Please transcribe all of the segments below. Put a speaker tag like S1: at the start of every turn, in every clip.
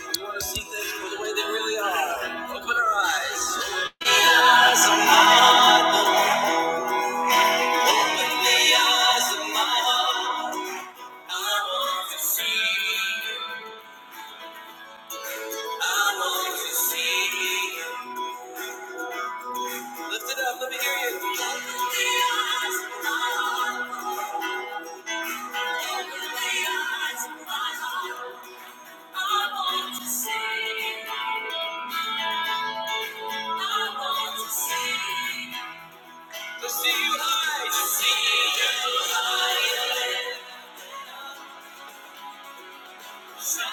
S1: We want to see things for the way they really are. Open our eyes. Open the eyes of my heart. Open the eyes of my heart. I want to see. I want to see. Lift it up. Let me hear you. Open the eyes of my heart. Open the eyes of my heart. I want to see. I want to see. To see you high. To see you high. Holy,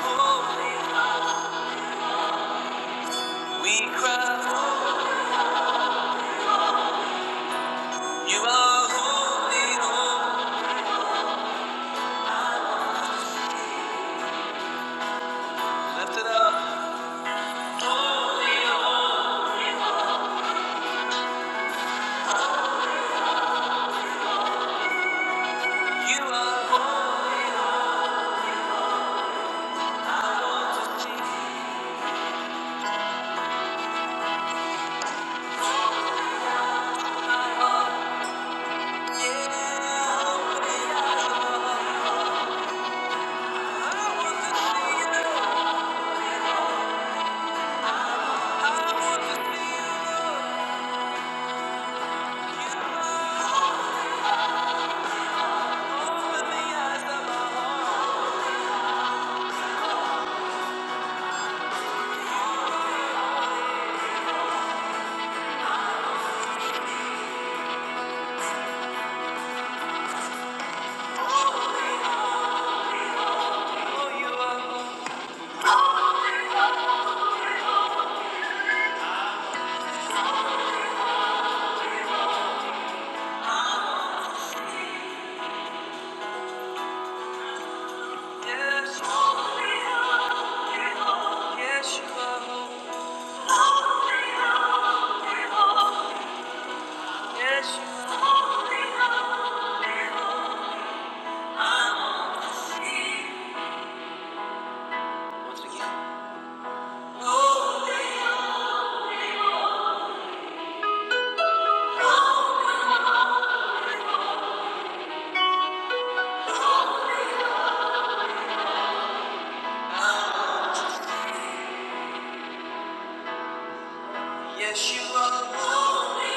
S1: holy, we cry. You are holy, holy. Lift it up. You are holy, holy. Yeah. Yes, yes, you are. Yes, you are. Once again. Yes, you are.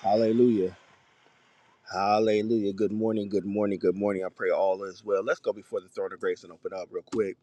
S1: Hallelujah. Hallelujah. Good morning. Good morning. Good morning. I pray all is well. Let's go before the throne of grace and open up real quick.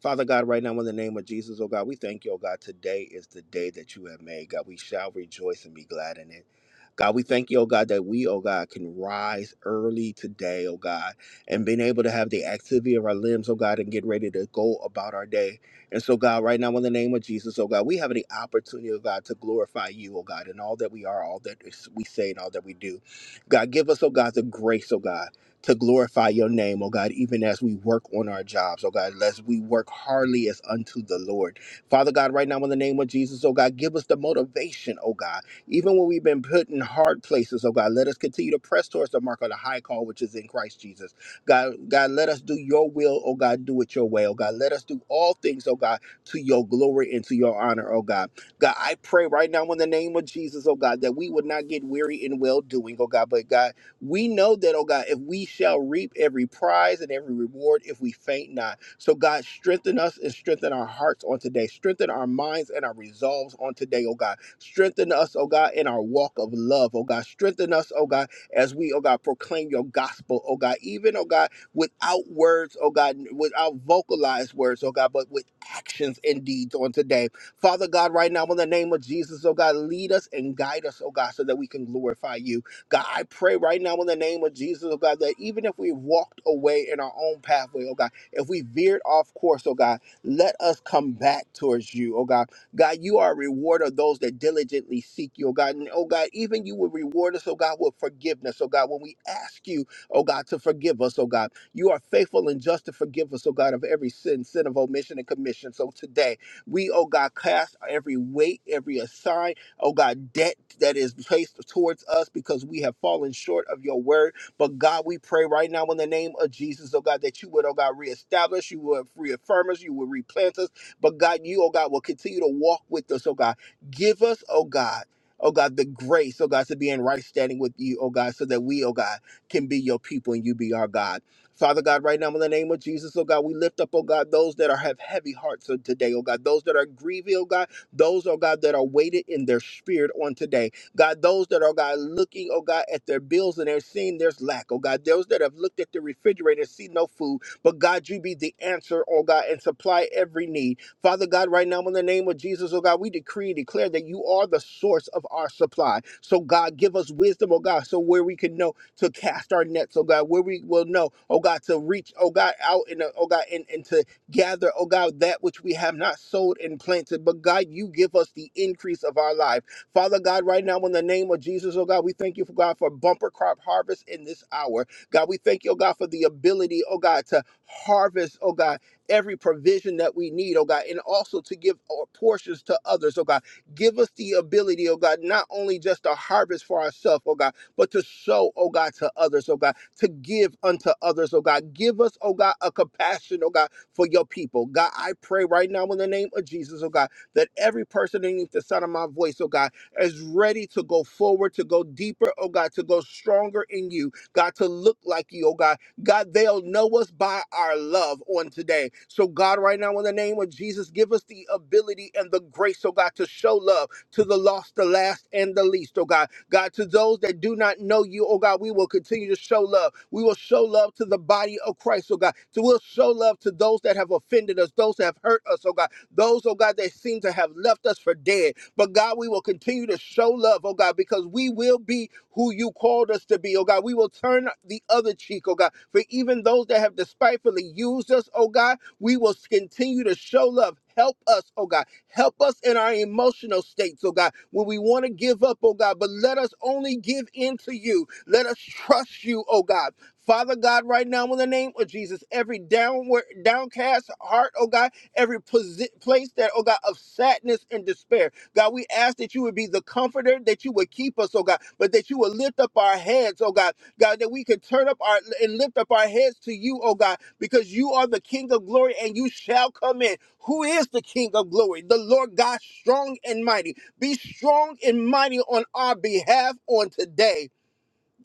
S1: Father God, right now in the name of Jesus, oh God, we thank you, oh God. Today is the day that you have made, God. We shall rejoice and be glad in it. God, we thank you, oh God, that we, oh God, can rise early today, oh God, and being able to have the activity of our limbs, oh God, and get ready to go about our day. And so, God, right now in the name of Jesus, oh God, we have the opportunity, oh God, to glorify you, oh God, in all that we are, all that we say, and all that we do. God, give us, oh God, the grace, oh God to glorify your name, oh God, even as we work on our jobs, oh God, lest we work hardly as unto the Lord. Father God, right now in the name of Jesus, oh God, give us the motivation, oh God. Even when we've been put in hard places, oh God, let us continue to press towards the mark of the high call which is in Christ Jesus. God, God, let us do your will, oh God, do it your way, oh God. Let us do all things, oh God, to your glory and to your honor, oh God. God, I pray right now in the name of Jesus, oh God, that we would not get weary in well doing, oh God, but God, we know that, oh God, if we shall reap every prize and every reward if we faint not. So, God, strengthen us and strengthen our hearts on today. Strengthen our minds and our resolves on today, oh God. Strengthen us, oh God, in our walk of love, oh God. Strengthen us, oh God, as we, oh God, proclaim your gospel, oh God. Even, oh God, without words, oh God, without vocalized words, oh God, but with actions and deeds on today. Father God, right now, in the name of Jesus, oh God, lead us and guide us, oh God, so that we can glorify you. God, I pray right now in the name of Jesus, oh God, that even if we walked away in our own pathway, oh God, if we veered off course, oh God, let us come back towards you, oh God. God, you are a rewarder of those that diligently seek you, oh God. And oh God, even you will reward us, oh God, with forgiveness, oh God, when we ask you, oh God, to forgive us, oh God. You are faithful and just to forgive us, oh God, of every sin, sin of omission and commission. So today, we, oh God, cast every weight, every assignment oh God, debt that is placed towards us because we have fallen short of your word. But God, we pray right now in the name of Jesus, oh God, that you would, oh God, reestablish, you would reaffirm us, you would replant us. But God, you, oh God, will continue to walk with us, oh God. Give us, oh God. Oh God, the grace, oh God, to be in right standing with you, oh God, so that we, oh God, can be your people and you be our God. Father God, right now in the name of Jesus, God, God, God, God. we lift up, those those that that have heavy hearts on today. oh God, those that are grieving. oh God, those, oh God, that are weighted in their spirit on today. God, those that are, God, looking, oh God, at their bills and they're seeing there's lack. Oh God, those that have looked at the refrigerator and see no food. But God, you be the answer, oh God, and supply every need. Father God, right now in the name of Jesus, oh God, we decree and declare that you are the source of our supply. So God, give us wisdom, oh God, so where we can know to cast our nets, oh God, where we will know, oh God, to reach, oh God, out and uh, oh God, and into gather, oh God, that which we have not sowed and planted. But God, you give us the increase of our life. Father God, right now in the name of Jesus, oh God, we thank you for God for bumper crop harvest in this hour. God, we thank you, oh God, for the ability, oh God, to harvest, oh God, every provision that we need, oh God, and also to give our portions to others, oh God. Give us the ability, oh God, not only just to harvest for ourselves, oh God, but to show, oh God, to others, oh God, to give unto others, oh God. Give us, oh God, a compassion, oh God, for your people. God, I pray right now in the name of Jesus, oh God, that every person underneath the sound of my voice, oh God, is ready to go forward, to go deeper, oh God, to go stronger in you, God, to look like you, oh God. God, they'll know us by our love on today. So, God, right now in the name of Jesus, give us the ability and the grace, oh God, to show love to the lost, the last, and the least, oh God. God, to those that do not know you, oh God, we will continue to show love. We will show love to the body of Christ, oh God. So we'll show love to those that have offended us, those that have hurt us, oh God. Those, oh God, that seem to have left us for dead. But God, we will continue to show love, oh God, because we will be who you called us to be, oh God. We will turn the other cheek, oh God. For even those that have despitefully used us, oh God, we will continue to show love. Help us, oh God. Help us in our emotional states, oh God, when we want to give up, oh God, but let us only give in to you. Let us trust you, oh God. Father God, right now in the name of Jesus, every downward, downcast heart, oh God, every posi- place that, oh God, of sadness and despair. God, we ask that you would be the comforter, that you would keep us, oh God, but that you would lift up our heads, oh God, God, that we can turn up our and lift up our heads to you, oh God, because you are the King of glory and you shall come in. Who is the King of glory? The Lord God, strong and mighty. Be strong and mighty on our behalf on today.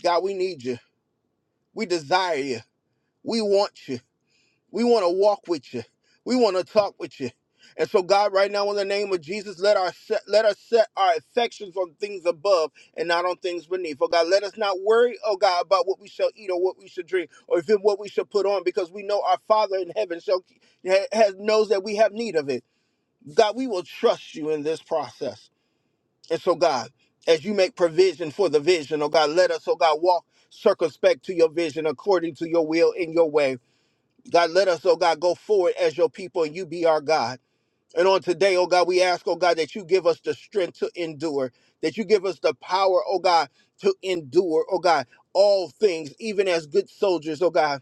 S1: God, we need you. We desire you. We want you. We want to walk with you. We want to talk with you. And so, God, right now, in the name of Jesus, let our set, let us set our affections on things above and not on things beneath. Oh God, let us not worry, oh God, about what we shall eat or what we should drink or even what we shall put on, because we know our Father in heaven shall ha- has knows that we have need of it. God, we will trust you in this process. And so, God, as you make provision for the vision, oh God, let us, oh God, walk circumspect to your vision according to your will in your way. God, let us, oh God, go forward as your people and you be our God. And on today, oh God, we ask, oh God, that you give us the strength to endure, that you give us the power, oh God, to endure, oh God, all things, even as good soldiers, oh God.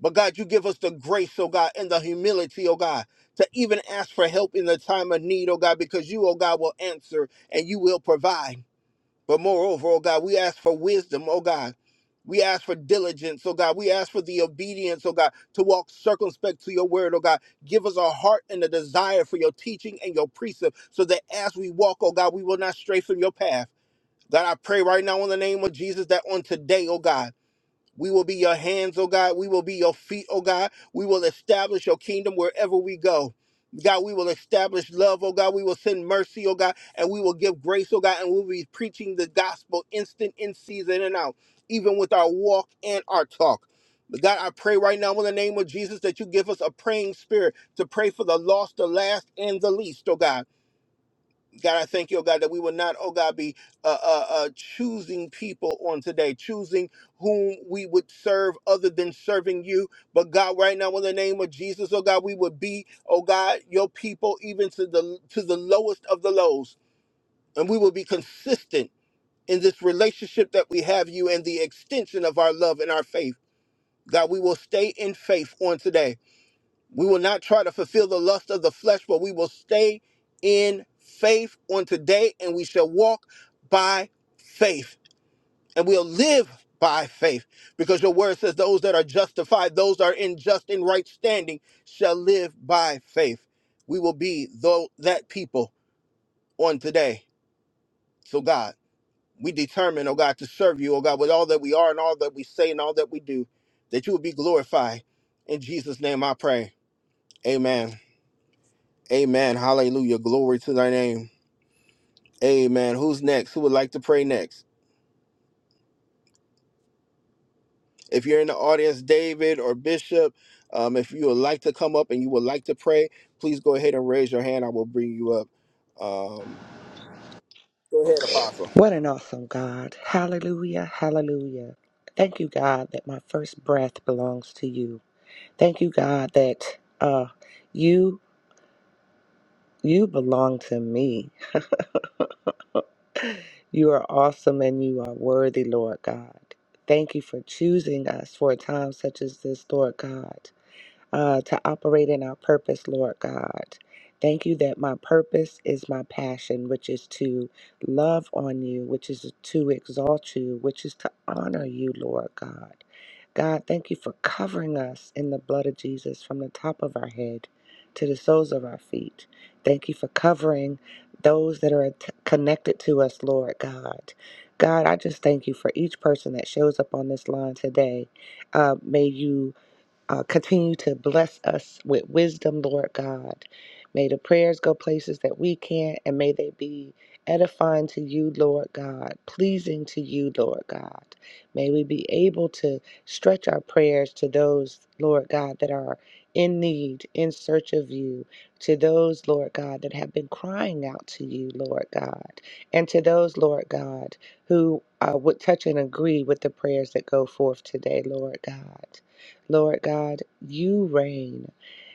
S1: But God, you give us the grace, oh God, and the humility, oh God, to even ask for help in the time of need, oh God, because you, oh God, will answer and you will provide. But moreover, oh God, we ask for wisdom, oh God. We ask for diligence, oh God. We ask for the obedience, oh God, to walk circumspect to your word, oh God. Give us a heart and a desire for your teaching and your precept so that as we walk, oh God, we will not stray from your path. God, I pray right now in the name of Jesus that on today, oh God. We will be your hands, oh God. We will be your feet, oh God. We will establish your kingdom wherever we go. God, we will establish love, oh God. We will send mercy, oh God, and we will give grace, oh God, and we'll be preaching the gospel instant, in season, and out, even with our walk and our talk. But God, I pray right now in the name of Jesus that you give us a praying spirit to pray for the lost, the last, and the least, oh God. God, I thank you, oh God, that we will not, oh God, be uh, uh, uh, choosing people on today, choosing whom we would serve other than serving you. But God, right now, in the name of Jesus, oh God, we would be, oh God, your people, even to the to the lowest of the lows, and we will be consistent in this relationship that we have you and the extension of our love and our faith. God, we will stay in faith on today. We will not try to fulfill the lust of the flesh, but we will stay in faith on today and we shall walk by faith and we'll live by faith because your word says those that are justified, those that are in just and right standing shall live by faith. We will be though that people on today. So God, we determine, oh God, to serve you, oh God, with all that we are and all that we say and all that we do, that you will be glorified. In Jesus' name I pray. Amen. Amen. Hallelujah. Glory to thy name. Amen. Who's next? Who would like to pray next? If you're in the audience, David or Bishop, um, if you would like to come up and you would like to pray, please go ahead and raise your hand. I will bring you up. Um, go ahead, Apostle.
S2: What an awesome God. Hallelujah. Hallelujah. Thank you, God, that my first breath belongs to you. Thank you, God, that uh, you you belong to me. You are awesome and you are worthy, Lord God. Thank you for choosing us for a time such as this, Lord God. uh, to operate in our purpose, Lord God. Thank you that my purpose is my passion, which is to love on you, which is to exalt you, which is to honor you, Lord God. God, thank you for covering us in the blood of Jesus from the top of our head to the soles of our feet. Thank you for covering those that are t- connected to us, Lord God. God, I just thank you for each person that shows up on this line today. Uh, may you uh, continue to bless us with wisdom, Lord God. May the prayers go places that we can't, and may they be edifying to you, Lord God, pleasing to you, Lord God. May we be able to stretch our prayers to those, Lord God, that are in need, in search of you, to those, Lord God, that have been crying out to you, Lord God, and to those, Lord God, who uh, would touch and agree with the prayers that go forth today, Lord God. Lord God, you reign.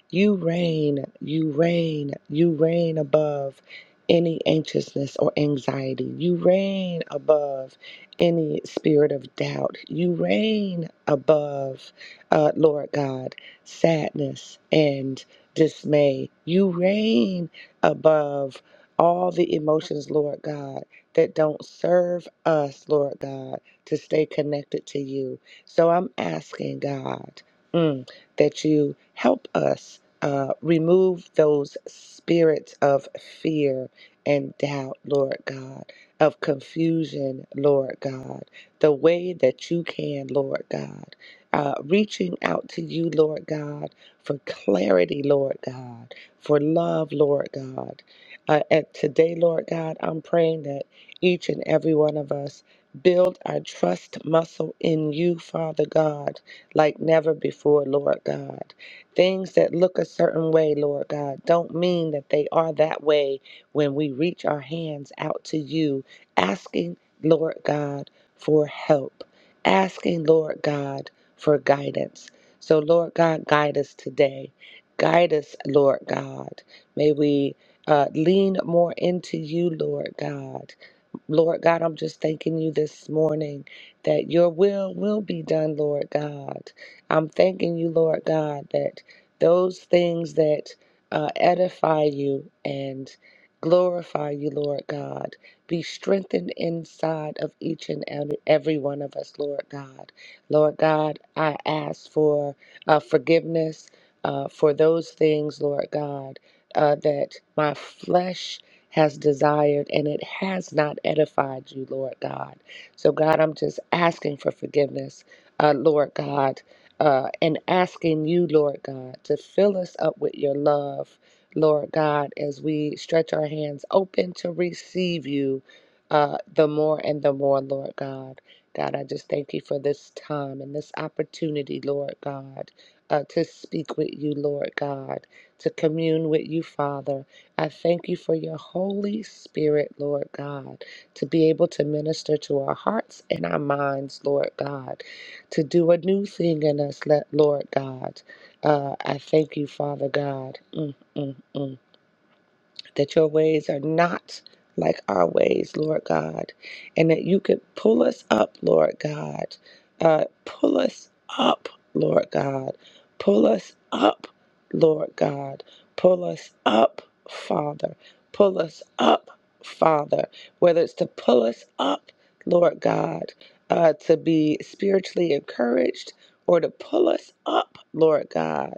S2: You reign, you reign, you reign above any anxiousness or anxiety. You reign above any spirit of doubt. You reign above, uh, Lord God, sadness and dismay. You reign above all the emotions, Lord God, that don't serve us, Lord God, to stay connected to you. So I'm asking, God, mm, that you help us uh, remove those spirits of fear and doubt, Lord God, of confusion, Lord God, the way that you can, Lord God. Uh, reaching out to you, Lord God, for clarity, Lord God, for love, Lord God. Uh, and today, Lord God, I'm praying that each and every one of us build our trust muscle in you, Father God, like never before, Lord God Things that look a certain way, Lord God, don't mean that they are that way when we reach our hands out to you, asking, Lord God, for help, asking, Lord God, for guidance. So, Lord God, guide us today. Guide us, Lord God. May we uh, lean more into you, Lord God. Lord God, I'm just thanking you this morning that your will will be done, Lord God. I'm thanking you, Lord God, that those things that uh, edify you and glorify you, Lord God, be strengthened inside of each and ev- every one of us, Lord God. Lord God, I ask for uh, forgiveness uh, for those things, Lord God, uh, that my flesh has desired and it has not edified you, Lord God. So, God, I'm just asking for forgiveness, uh, Lord God, uh, and asking you, Lord God, to fill us up with your love, Lord God, as we stretch our hands open to receive you uh, the more and the more, Lord God. God, I just thank you for this time and this opportunity, Lord God, uh, to speak with you, Lord God, to commune with you, Father. I thank you for your Holy Spirit, Lord God, to be able to minister to our hearts and our minds, Lord God, to do a new thing in us, let- Lord God. Uh, I thank you, Father God. Mm, mm, mm that your ways are not like our ways, Lord God, and that you could pull us up, Lord God. Uh, pull us up, Lord God. Pull us up, Lord God. Pull us up, Father. Pull us up, Father. Whether it's to pull us up, Lord God, uh, to be spiritually encouraged or to pull us up, Lord God,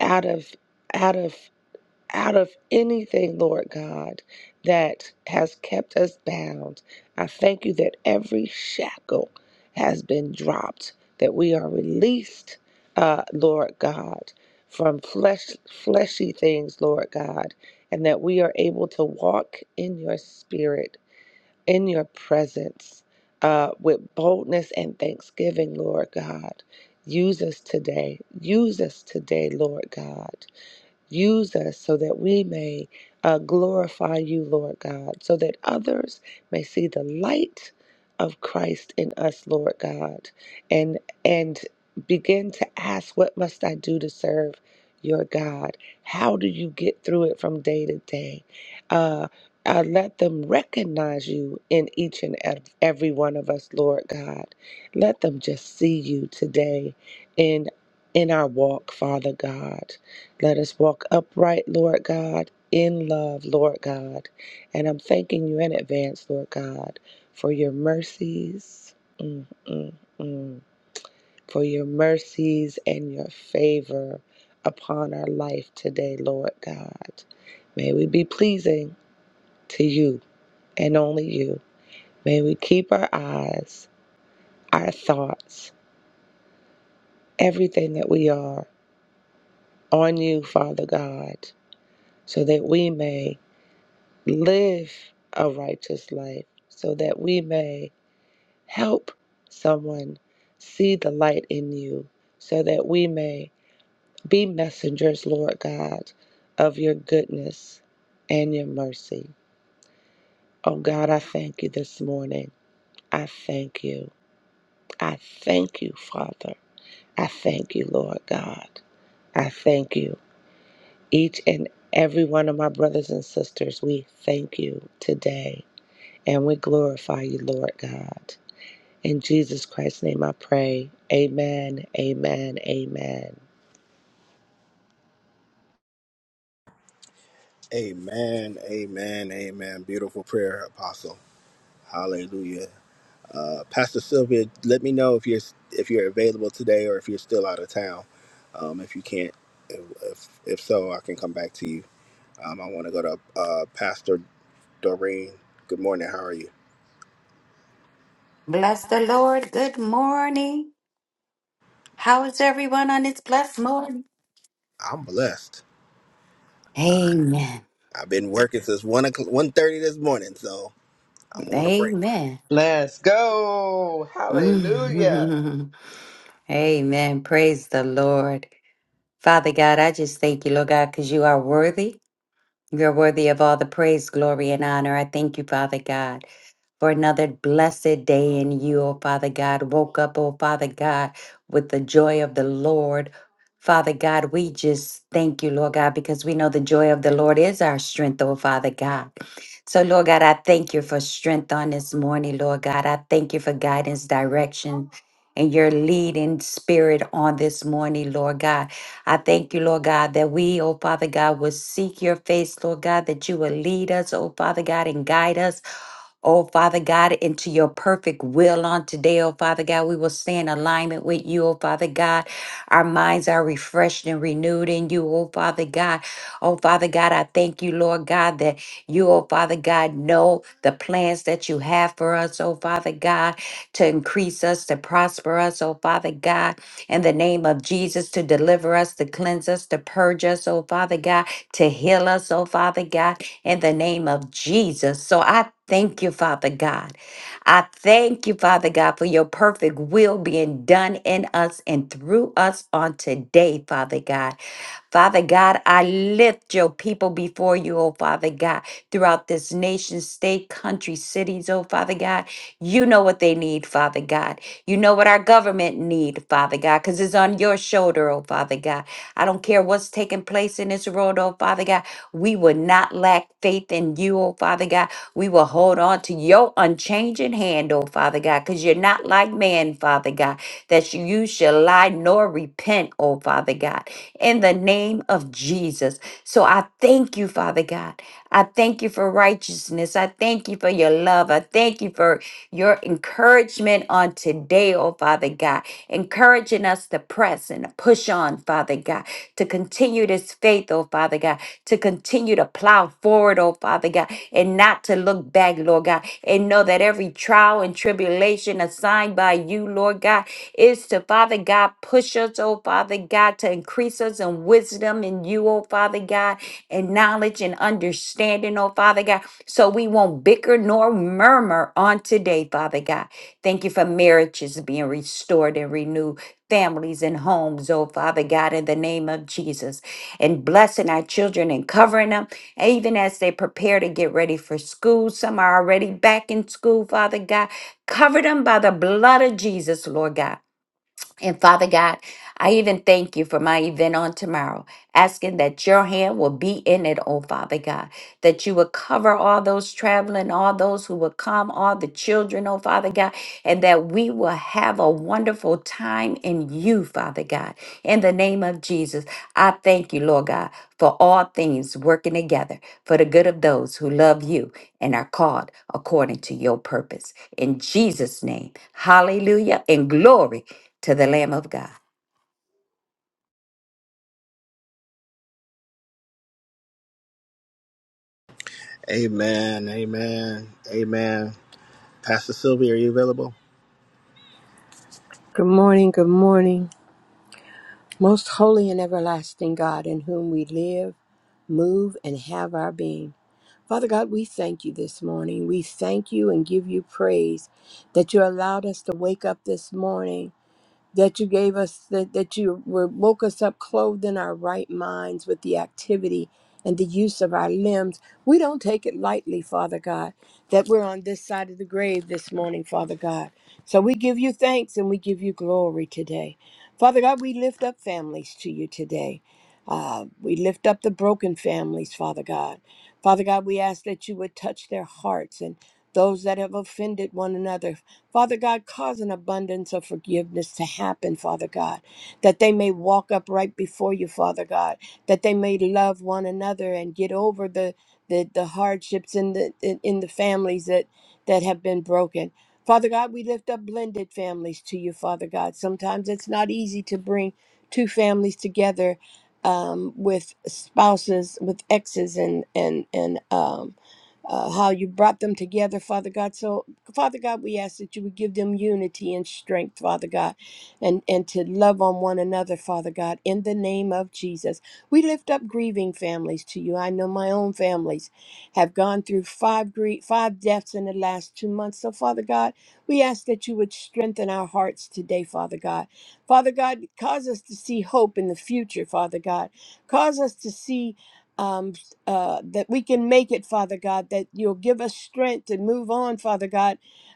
S2: out of out of out of anything, Lord God, that has kept us bound. I thank you that every shackle has been dropped, that we are released, uh, Lord God, from flesh, fleshy things, Lord God, and that we are able to walk in your spirit, in your presence, uh, with boldness and thanksgiving, Lord God. Use us today. Use us today, Lord God. Use us so that we may uh, glorify you, Lord God, so that others may see the light of Christ in us, Lord God, and and begin to ask, what must I do to serve your God? How do you get through it from day to day? Uh, uh, let them recognize you in each and ev- every one of us, Lord God. Let them just see you today in in our walk, Father God. Let us walk upright, Lord God, in love, Lord God. And I'm thanking you in advance, Lord God, for your mercies, mm, mm, mm, for your mercies and your favor upon our life today, Lord God. May we be pleasing to you and only you. May we keep our eyes, our thoughts, everything that we are on you, Father God, so that we may live a righteous life so that we may help someone see the light in you, so that we may be messengers, Lord God, of your goodness and your mercy. Oh God, I thank you this morning. I thank you. I thank you, Father. I thank you, Lord God. I thank you. Each and every one of my brothers and sisters, we thank you today and we glorify you, Lord God. In Jesus Christ's name I pray. Amen, amen, amen.
S1: Amen. Amen. Amen. Beautiful prayer, Apostle. Hallelujah. Uh, Pastor Sylvia, let me know if you're if you're available today or if you're still out of town. Um, if you can't, if, if if so, I can come back to you. Um, I want to go to uh, Pastor Doreen. Good morning. How are you?
S3: Bless the Lord. Good morning. How is everyone on this blessed morning?
S1: I'm blessed. I,
S3: Amen.
S1: I've been working since one o'clock, one thirty this morning, so I'm on a break.
S3: Amen.
S2: Let's go. Hallelujah.
S3: Mm. Amen. Praise the Lord. Father God, I just thank you, Lord God, because you are worthy. You're worthy of all the praise, glory, and honor. I thank you, Father God. for another blessed day in you, O Father God. Woke up, O Father God, with the joy of the Lord. Father God, we just thank you, Lord God, because we know the joy of the Lord is our strength, O Father God. So, Lord God, I thank you for strength on this morning, Lord God. I thank you for guidance, direction, and your leading spirit on this morning, Lord God. I thank you, Lord God, that we, oh Father God, will seek your face, Lord God, that you will lead us, oh Father God, and guide us Oh, Father God, into your perfect will on today, oh, Father God. We will stay in alignment with you, oh, Father God. Our minds are refreshed and renewed in you, oh, Father God. Oh, Father God, I thank you, Lord God, that you, oh, Father God, know the plans that you have for us, oh, Father God, to increase us, to prosper us, oh, Father God in the name of Jesus to deliver us, to cleanse us, to purge us, oh Father God, to heal us, oh Father God, in the name of Jesus. So I thank you, Father God. I thank you, Father God, for your perfect will being done in us and through us on today, Father God. Father God, I lift your people before you, oh Father God, throughout this nation, state, country, cities, oh Father God. You know what they need, Father God. You know what our government need, Father God, because it's on your shoulder, oh Father God. I don't care what's taking place in this world, oh Father God. We will not lack faith in you, oh Father God. We will hold on to your unchanging hand, oh Father God, because you're not like man, Father God, that you shall lie nor repent, oh Father God, in the name of Jesus. So I thank you, Father God. I thank you for righteousness. I thank you for your love. I thank you for your encouragement on today, oh Father God, encouraging us to press and to push on, Father God, to continue this faith, oh Father God, to continue to plow forward, oh Father. Father God, and not to look back, Lord God, and know that every trial and tribulation assigned by you, Lord God, is to, Father God, push us, oh Father God, to increase us in wisdom in you, oh Father God, and knowledge and understanding, oh Father God, so we won't bicker nor murmur on today, Father God. Thank you for marriages being restored and renewed. Families and homes, oh Father God, in the name of Jesus, and blessing our children and covering them even as they prepare to get ready for school, some are already back in school, Father God. Cover them by the blood of Jesus, Lord God. And Father God, I even thank you for my event on tomorrow asking that your hand will be in it, oh Father God, that you would cover all those traveling, all those who will come, all the children, oh Father God, and that we will have a wonderful time in you, Father God. In the name of Jesus, I thank you, Lord God, for all things working together for the good of those who love you and are called according to your purpose. In Jesus' name, hallelujah and glory to the Lamb of God.
S1: Amen. Amen. Amen. Pastor Sylvia, are you available?
S4: Good morning, good morning. Most holy and everlasting God, in whom we live, move, and have our being. Father God, we thank you this morning. We thank you and give you praise that you allowed us to wake up this morning that you gave us that, that you were, woke us up clothed in our right minds with the activity and the use of our limbs we don't take it lightly father god that we're on this side of the grave this morning father god so we give you thanks and we give you glory today father god we lift up families to you today uh, we lift up the broken families father god father god we ask that you would touch their hearts and those that have offended one another Father God, cause an abundance of forgiveness to happen, Father God, that they may walk up right before you, Father God, that they may love one another and get over the the, the hardships in the in, in the families that that have been broken. Father God, we lift up blended families to you, Father God. Sometimes it's not easy to bring two families together um, with spouses, with exes, and and and um, uh, how you brought them together, Father God. So Father God, we ask that you would give them unity and strength, Father God, and, and to love on one another, Father God, in the name of Jesus. We lift up grieving families to you. I know my own families have gone through five grie- five deaths in the last two months. So, Father God, we ask that you would strengthen our hearts today, Father God. Father God, cause us to see hope in the future, Father God. Cause us to see um, uh, that we can make it, Father God, that you'll give us strength to move on, Father God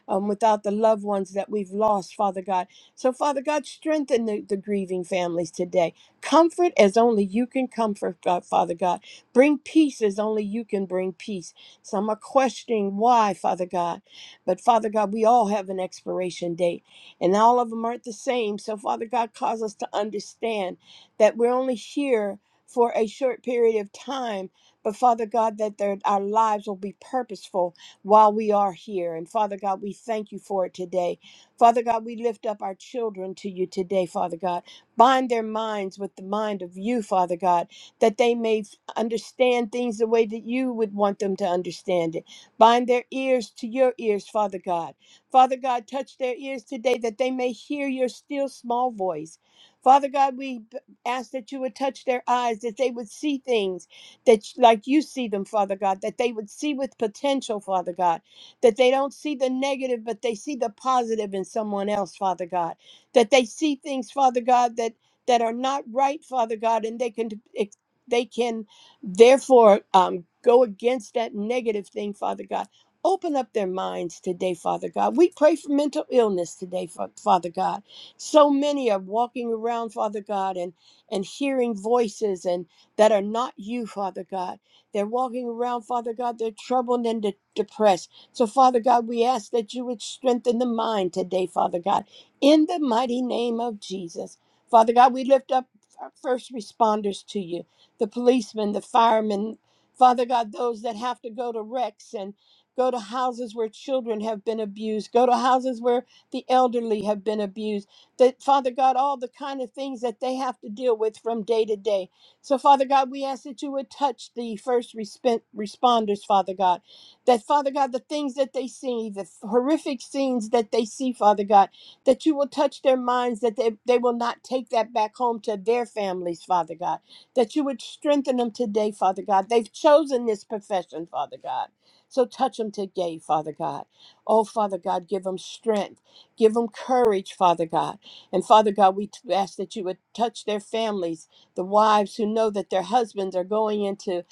S4: um, without the loved ones that we've lost, Father God. So, Father God, strengthen the, the grieving families today. Comfort as only you can comfort, God, Father God. Bring peace as only you can bring peace. Some are questioning why, Father God. But, Father God, we all have an expiration date, and all of them aren't the same. So, Father God, cause us to understand that we're only here for a short period of time. But Father God, that their, our lives will be purposeful while we are here. And Father God, we thank you for it today. Father God, we lift up our children to you today, Father God. Bind their minds with the mind of you, Father God, that they may f- understand things the way that you would want them to understand it. Bind their ears to your ears, Father God. Father God, touch their ears today that they may hear your still small voice. Father God, we b- ask that you would touch their eyes, that they would see things that like you see them, Father God, that they would see with potential, Father God, that they don't see the negative, but they see the positive in someone else, Father God, that they see things, Father God, that that are not right, Father God, and they can ex- they can therefore um, go against that negative thing, Father God. Open up their minds today, Father God. We pray for mental illness today, Fa- Father God. So many are walking around, Father God, and and hearing voices and that are not you, Father God. They're walking around, Father God, they're troubled and de- depressed. So, Father God, we ask that you would strengthen the mind today, Father God, in the mighty name of Jesus. Father God, we lift up our first responders to you the policemen, the firemen, Father God, those that have to go to wrecks and go to houses where children have been abused, go to houses where the elderly have been abused, that Father God, all the kind of things that they have to deal with from day to day. So, Father God, we ask that you would touch the first respen- responders, Father God. That, Father God, the things that they see, the horrific scenes that they see, Father God, that you will touch their minds, that they, they will not take that back home to their families, Father God. That you would strengthen them today, Father God. They've chosen this profession, Father God. So touch them today, Father God. Oh, Father God, give them strength. Give them courage, Father God. And Father God, we t- ask that you would touch their families the wives who know that their husbands are going into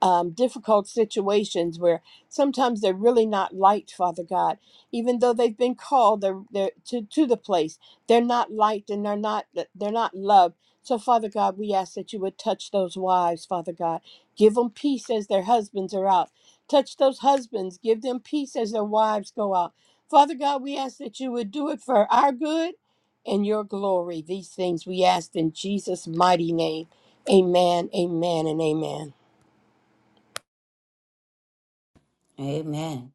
S4: um, difficult situations where sometimes they're really not liked, Father God. Even though they've been called they're, they're to, to the place, they're not liked and they're not they're not loved. So, Father God, we ask that you would touch those wives, Father God. Give them peace as their husbands are out. Touch those husbands. Give them peace as their wives go out. Father God, we ask that you would do it for our good and your glory. These things we ask in Jesus' mighty name. Amen, amen, and amen.
S3: Amen.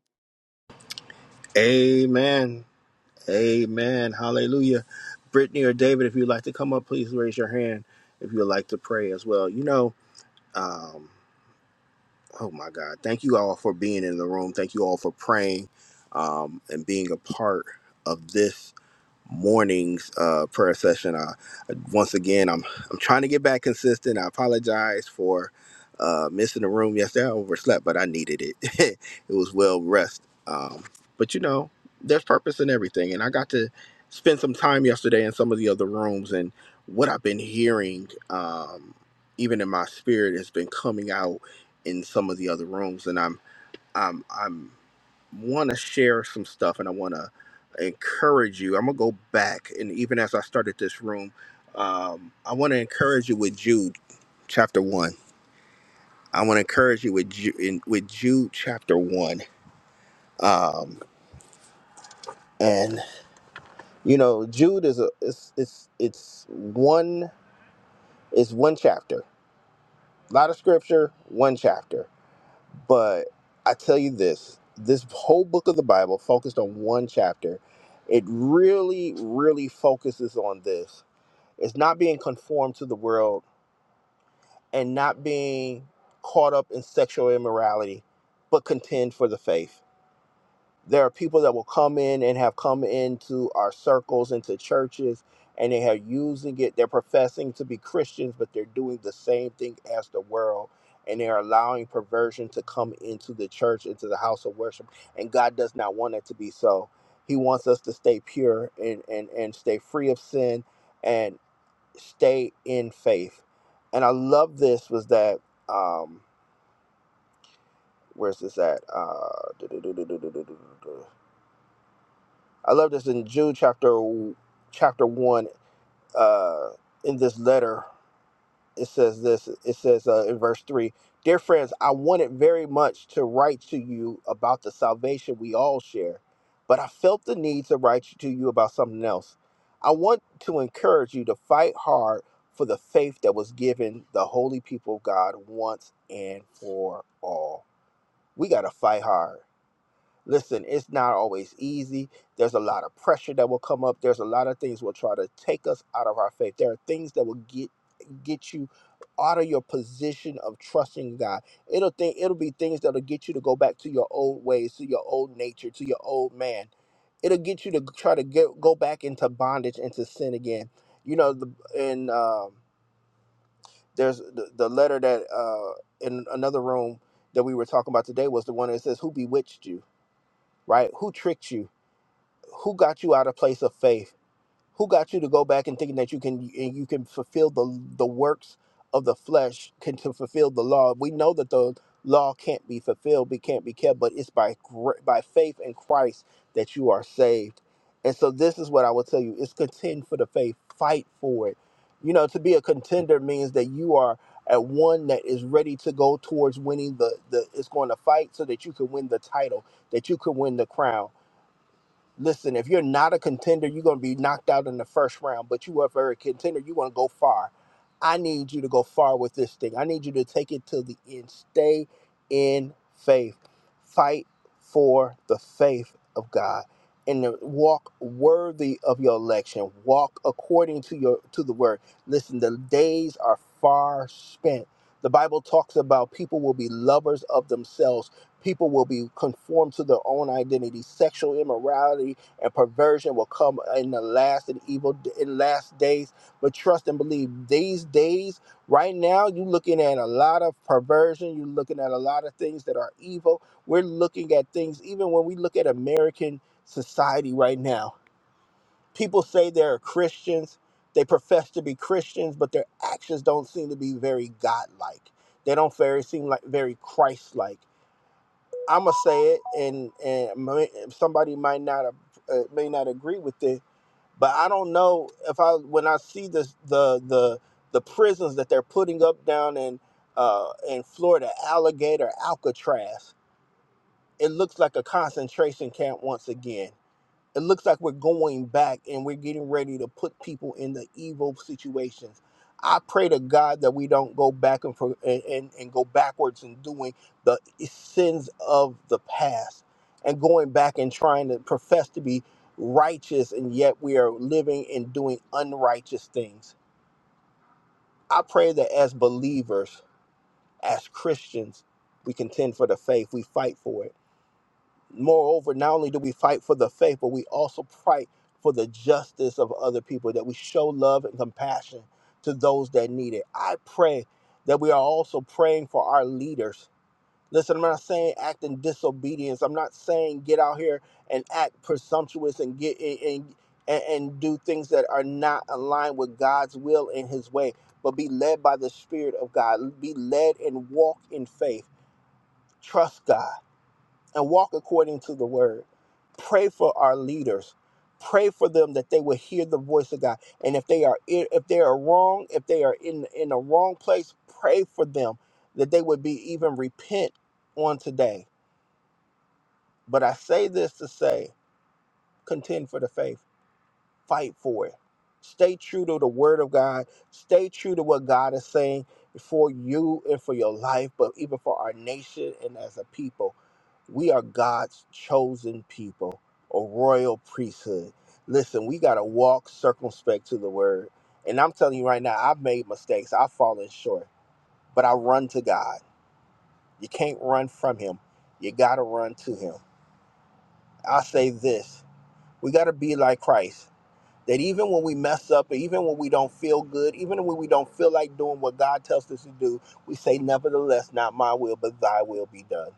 S1: Amen. Amen. Hallelujah. Brittany or David, if you'd like to come up, please raise your hand if you'd like to pray as well. You know, um, oh my God. Thank you all for being in the room. Thank you all for praying um, and being a part of this mornings uh, prayer session. Uh, once again, I'm I'm trying to get back consistent. I apologize for uh, missing the room yesterday. I overslept, but I needed it. it was well rest. Um, but you know, there's purpose in everything, and I got to spend some time yesterday in some of the other rooms, and what I've been hearing, um, even in my spirit, has been coming out in some of the other rooms, and I'm. I'm I'm want to share some stuff and I want to encourage you. I'm going to go back. And even as I started this room, um, I want to encourage you with Jude chapter one. I want to encourage you with Jude, in, with Jude chapter one. Um, and you know, Jude is a, it's, it's, it's one, it's one chapter, a lot of scripture, one chapter. But I tell you this, this whole book of the Bible focused on one chapter. It really, really focuses on this. It's not being conformed to the world and not being caught up in sexual immorality, but contend for the faith. There are people that will come in and have come into our circles, into churches, and they are using it. They're professing to be Christians, but they're doing the same thing as the world. And they're allowing perversion to come into the church, into the house of worship. And God does not want it to be so. He wants us to stay pure and, and, and stay free of sin and stay in faith. And I love this was that um where's this at? Uh I love this in Jude chapter chapter 1 uh in this letter it says this it says uh, in verse 3 dear friends i wanted very much to write to you about the salvation we all share but i felt the need to write to you about something else i want to encourage you to fight hard for the faith that was given the holy people of god once and for all we got to fight hard Listen, it's not always easy. There's a lot of pressure that will come up. There's a lot of things will try to take us out of our faith. There are things that will get get you out of your position of trusting God. It'll think it'll be things that'll get you to go back to your old ways, to your old nature, to your old man. It'll get you to try to get go back into bondage, into sin again. You know, the, and um, there's the, the letter that uh, in another room that we were talking about today was the one that says, "Who bewitched you?" Right? Who tricked you? who got you out of place of faith? Who got you to go back and thinking that you can and you can fulfill the the works of the flesh can to fulfill the law? We know that the law can't be fulfilled, we can't be kept, but it's by gr- by faith in Christ that you are saved. And so this is what I will tell you: is contend for the faith, fight for it. You know, to be a contender means that you are at one that is ready to go towards winning the the is going to fight so that you can win the title, that you can win the crown Listen, if you're not a contender, you're going to be knocked out in the first round, but you are very contender, you want to go far. I need you to go far with this thing. I need you to take it to the end. Stay in faith. Fight for the faith of God and to walk worthy of your election. Walk according to your to the word. Listen, the days are far spent. The Bible talks about people will be lovers of themselves People will be conformed to their own identity. Sexual immorality and perversion will come in the last and evil in last days. But trust and believe these days, right now, you're looking at a lot of perversion. You're looking at a lot of things that are evil. We're looking at things, even when we look at American society right now. People say they're Christians. They profess to be Christians, but their actions don't seem to be very godlike. They don't very seem like very Christ-like I'm gonna say it, and and may- somebody might not uh, may not agree with it, but I don't know if I when I see this the the the prisons that they're putting up down in uh, in Florida, Alligator, Alcatraz, it looks like a concentration camp once again it looks like we're going back and we're getting ready to put people in the evil situations. I pray to God that we don't go back and, for, and, and, and go backwards in doing the sins of the past and going back and trying to profess to be righteous and yet we are living and doing unrighteous things. I pray that as believers, as Christians, we contend for the faith, we fight for it Moreover, not only do we fight for the faith, but we also fight for the justice of other people, that we show love and compassion to those that need it. I pray that we are also praying for our leaders. Listen, I'm not saying act in disobedience. I'm not saying get out here and act presumptuous and get and and, and do things that are not aligned with God's will and His way. But be led by the Spirit of God. Be led and walk in faith. Trust God and walk according to the word. Pray for our leaders. Pray for them that they will hear the voice of God. And if they are i- if they are wrong, if they are in in the wrong place, pray for them that they would be even repent on today. But I say this to say, contend for the faith. Fight for it. Stay true to the word of God. Stay true to what God is saying for you and for your life, but even for our nation and as a people. We are God's chosen people, a royal priesthood. Listen, we got to walk circumspect to the word. And I'm telling you right now, I've made mistakes, I've fallen short, but I run to God. You can't run from Him, you got to run to Him. I say this we got to be like Christ that even when we mess up, or even when we don't feel good, even when we don't feel like doing what God tells us to do, we say, Nevertheless, not my will, but thy will be done.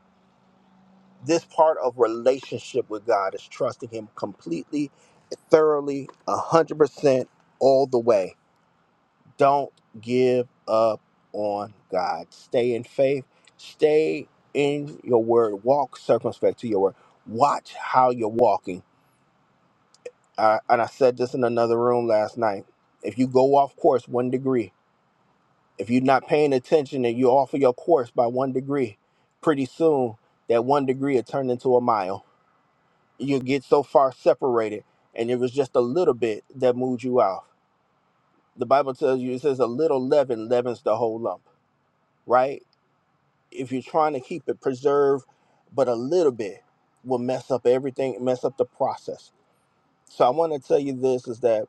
S1: This part of relationship with God is trusting Him completely, thoroughly, 100% all the way. Don't give up on God. Stay in faith, stay in your word, walk circumspect to your word. Watch how you're walking I, and I said this in another room last night. If you go off course one degree, if you're not paying attention and you're off of your course by one degree, pretty soon that one degree will turn into a mile. you get so far separated, and it was just a little bit that moved you off. The Bible tells you it says a little leaven leavens the whole lump, right? If you're trying to keep it preserved, but a little bit will mess up everything, mess up the process So I want to tell you this is that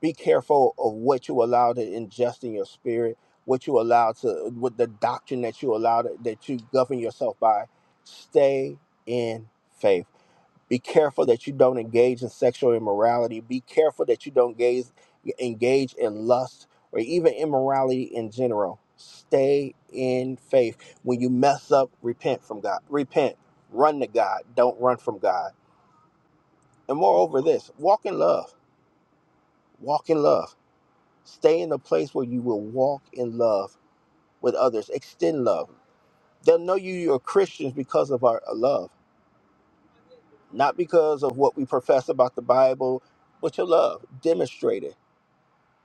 S1: be careful of what you allow to ingest in your spirit, what you allow to with the doctrine that you allow to, that you govern yourself by. Stay in faith. Be careful that you don't engage in sexual immorality. Be careful that you don't engage engage in lust or even immorality in general. Stay in faith. When you mess up, repent from God. Repent. Run to God. Don't run from God. And moreover, this walk in love Walk in love. Stay in a place where you will walk in love with others. Extend love. They'll know you you're Christians because of our uh, love, not because of what we profess about the Bible, but your love. Demonstrate it.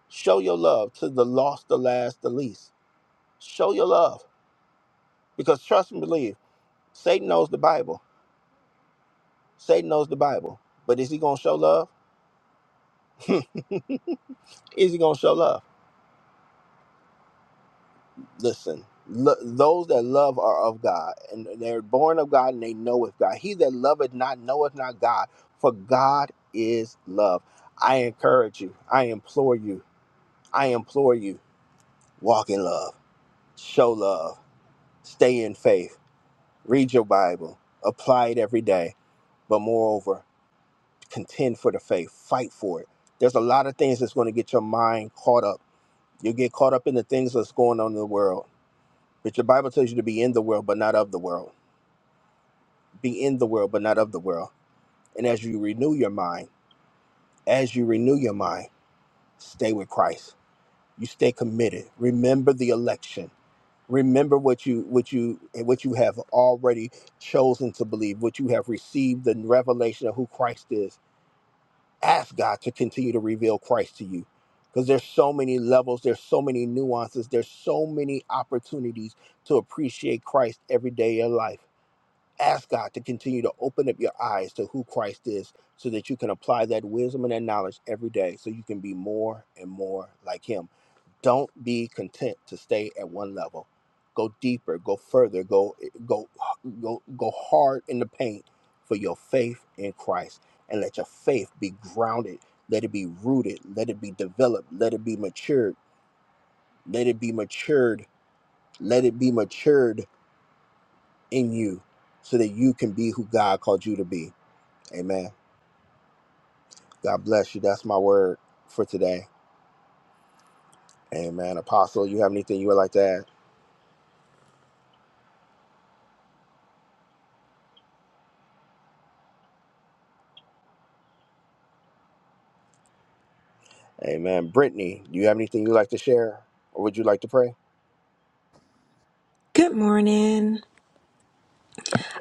S1: Show your love to the lost, the last, the least. Show your love because trust and believe. Satan knows the Bible. Satan knows the Bible. But is he going to show love? is he going to show love? listen lo- those that love are of god and they're born of god and they know of god he that loveth not knoweth not god for god is love i encourage you i implore you i implore you walk in love show love stay in faith read your bible apply it every day but moreover contend for the faith fight for it there's a lot of things that's going to get your mind caught up you'll get caught up in the things that's going on in the world but your bible tells you to be in the world but not of the world be in the world, but not of the world. And as you renew your mind, as you renew your mind, stay with Christ. You stay committed. Remember the election. Remember what you what you what you have already chosen to believe, what you have received, the revelation of who Christ is. Ask God to continue to reveal Christ to you. Because there's so many levels, there's so many nuances, there's so many opportunities to appreciate Christ every day of your life. ask God to continue to open up your eyes to who Christ is so that you can apply that wisdom and that knowledge every day so you can be more and more like Him. Don't be content to stay at one level. Go deeper, go further, go go go go hard in the paint for your faith in Christ and let your faith be grounded, let it be rooted, let it be developed, let it be matured, let it be matured, let it be matured in you so that you can be who God called you to be. Amen. God bless you. That's my word for today. Amen. Apostle, you have anything you would like to add? Amen. Brittany, do you have anything you'd like to share or would you like to pray?
S5: Good morning.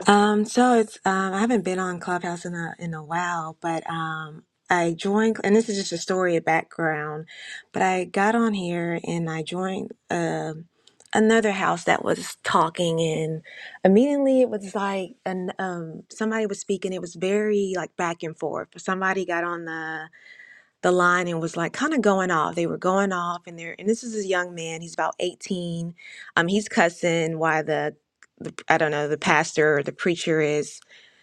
S5: Um, so it's um, I haven't been on Clubhouse in a in a while, but um, I joined, and this is just a story of background. But I got on here and I joined um another house that was talking, and immediately it was like an um somebody was speaking. It was very like back and forth. Somebody got on the the line and was like kind of going off. They were going off and they're and this is a young man, he's about 18. Um he's cussing why the, the I don't know, the pastor or the preacher is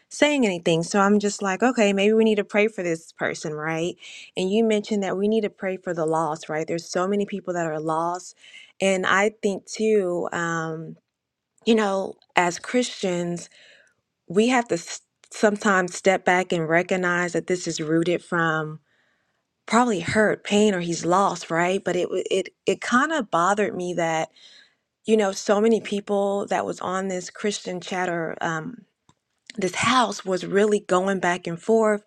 S5: saying anything. So I'm just like, okay, maybe we need to pray for this person, right? And you mentioned that we need to pray for the lost, right? There's so many people that are lost. And I think too, um, you know, as Christians, we have to s- sometimes step back and recognize that this is rooted from probably hurt, pain, or he's lost, right? But it wa- it it kind of bothered me that you know so many people that was on this Christian chatter, um, this house was really going back and forth,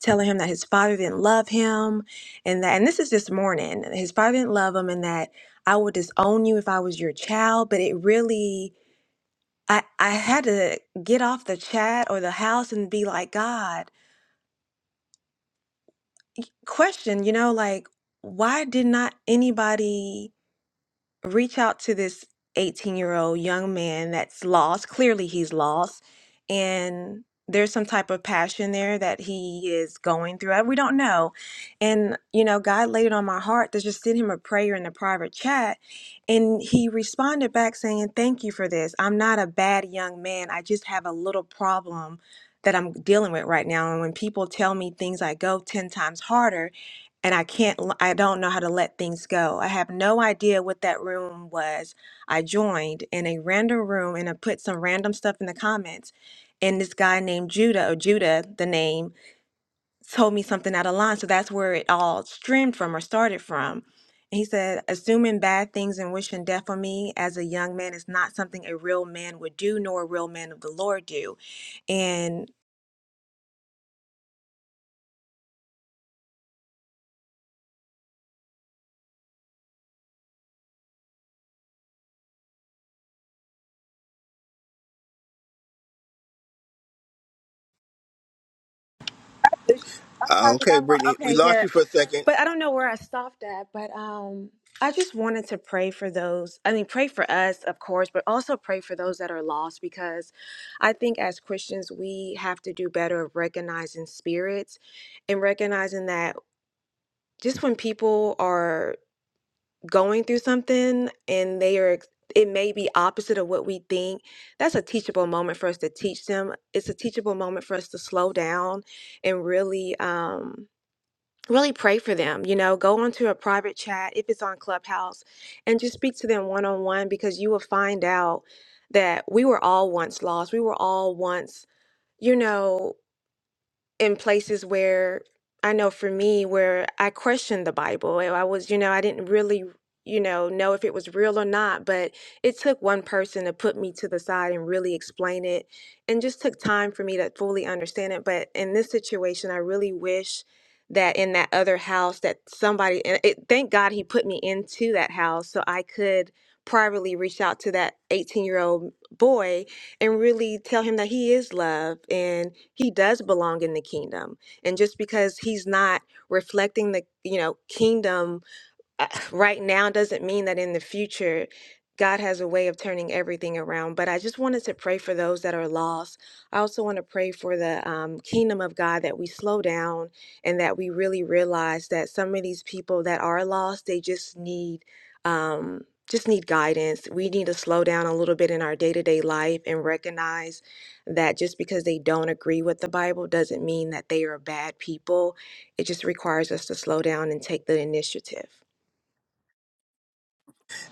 S5: telling him that his father didn't love him, and that and this is this morning, his father didn't love him, and that I would disown you if I was your child. But it really. I, I had to get off the chat or the house and be like, God, question, you know, like, why did not anybody reach out to this 18 year old young man that's lost. Clearly, he's lost. And there's some type of passion there that he is going through. I- We don't know. And, you know, God laid it on my heart to just send him a prayer in the private chat. And he responded back saying, Thank you for this. I'm not a bad young man. I just have a little problem that I'm dealing with right now. And when people tell me things, I go 10 times harder and I can't, l- I don't know how to let things go. I have no idea what that room was. I joined in a random room and I put some random stuff in the comments. And this guy named Judah, or Judah, the name, told me something out of line. So that's where it all stemmed from or started from. And he said, Assuming bad things and wishing death on me as a young man is not something a real man would do, nor a real man of the Lord do. And I'm
S1: Uh,
S5: sorry, did
S1: okay,
S5: I lo-
S1: Brittany, we
S5: okay,
S1: lost
S5: yeah.
S1: you for a second.
S5: But I don't know where I stopped at, but um I just wanted to pray for those. I mean, pray for us, of course, but also pray for those that are lost because I think as Christians, we have to do better of recognizing spirits and recognizing that just when people are going through something and they are it may be opposite of what we think. That's a teachable moment for us to teach them. It's a teachable moment for us to slow down and really um really pray for them you know go onto a private chat if it's on clubhouse and just speak to them one-on-one because you will find out that we were all once lost we were all once you know in places where I know for me, where I questioned the Bible. and I was, you know, I didn't really, you know, know if it was real or not, but it took one person to put me to the side and really explain it and just took time for me to fully understand it. But in this situation, I really wish that in that other house that somebody and it, thank God he put me into that house so I could privately reach out to that 18 year old boy and really tell him that he is loved and he does belong in the kingdom. And just because he's not reflecting the, you know, kingdom uh, right now doesn't mean that in the future God has a way of turning everything around. But I just wanted to pray for those that are lost. I also want to pray for the um, kingdom of God that we slow down and that we really realize that some of these people that are lost, they just need. Um, just need guidance. We need to slow down a little bit in our day to day life and recognize that just because they don't agree with the Bible doesn't mean that they are bad people. It just requires us to slow down and take the initiative.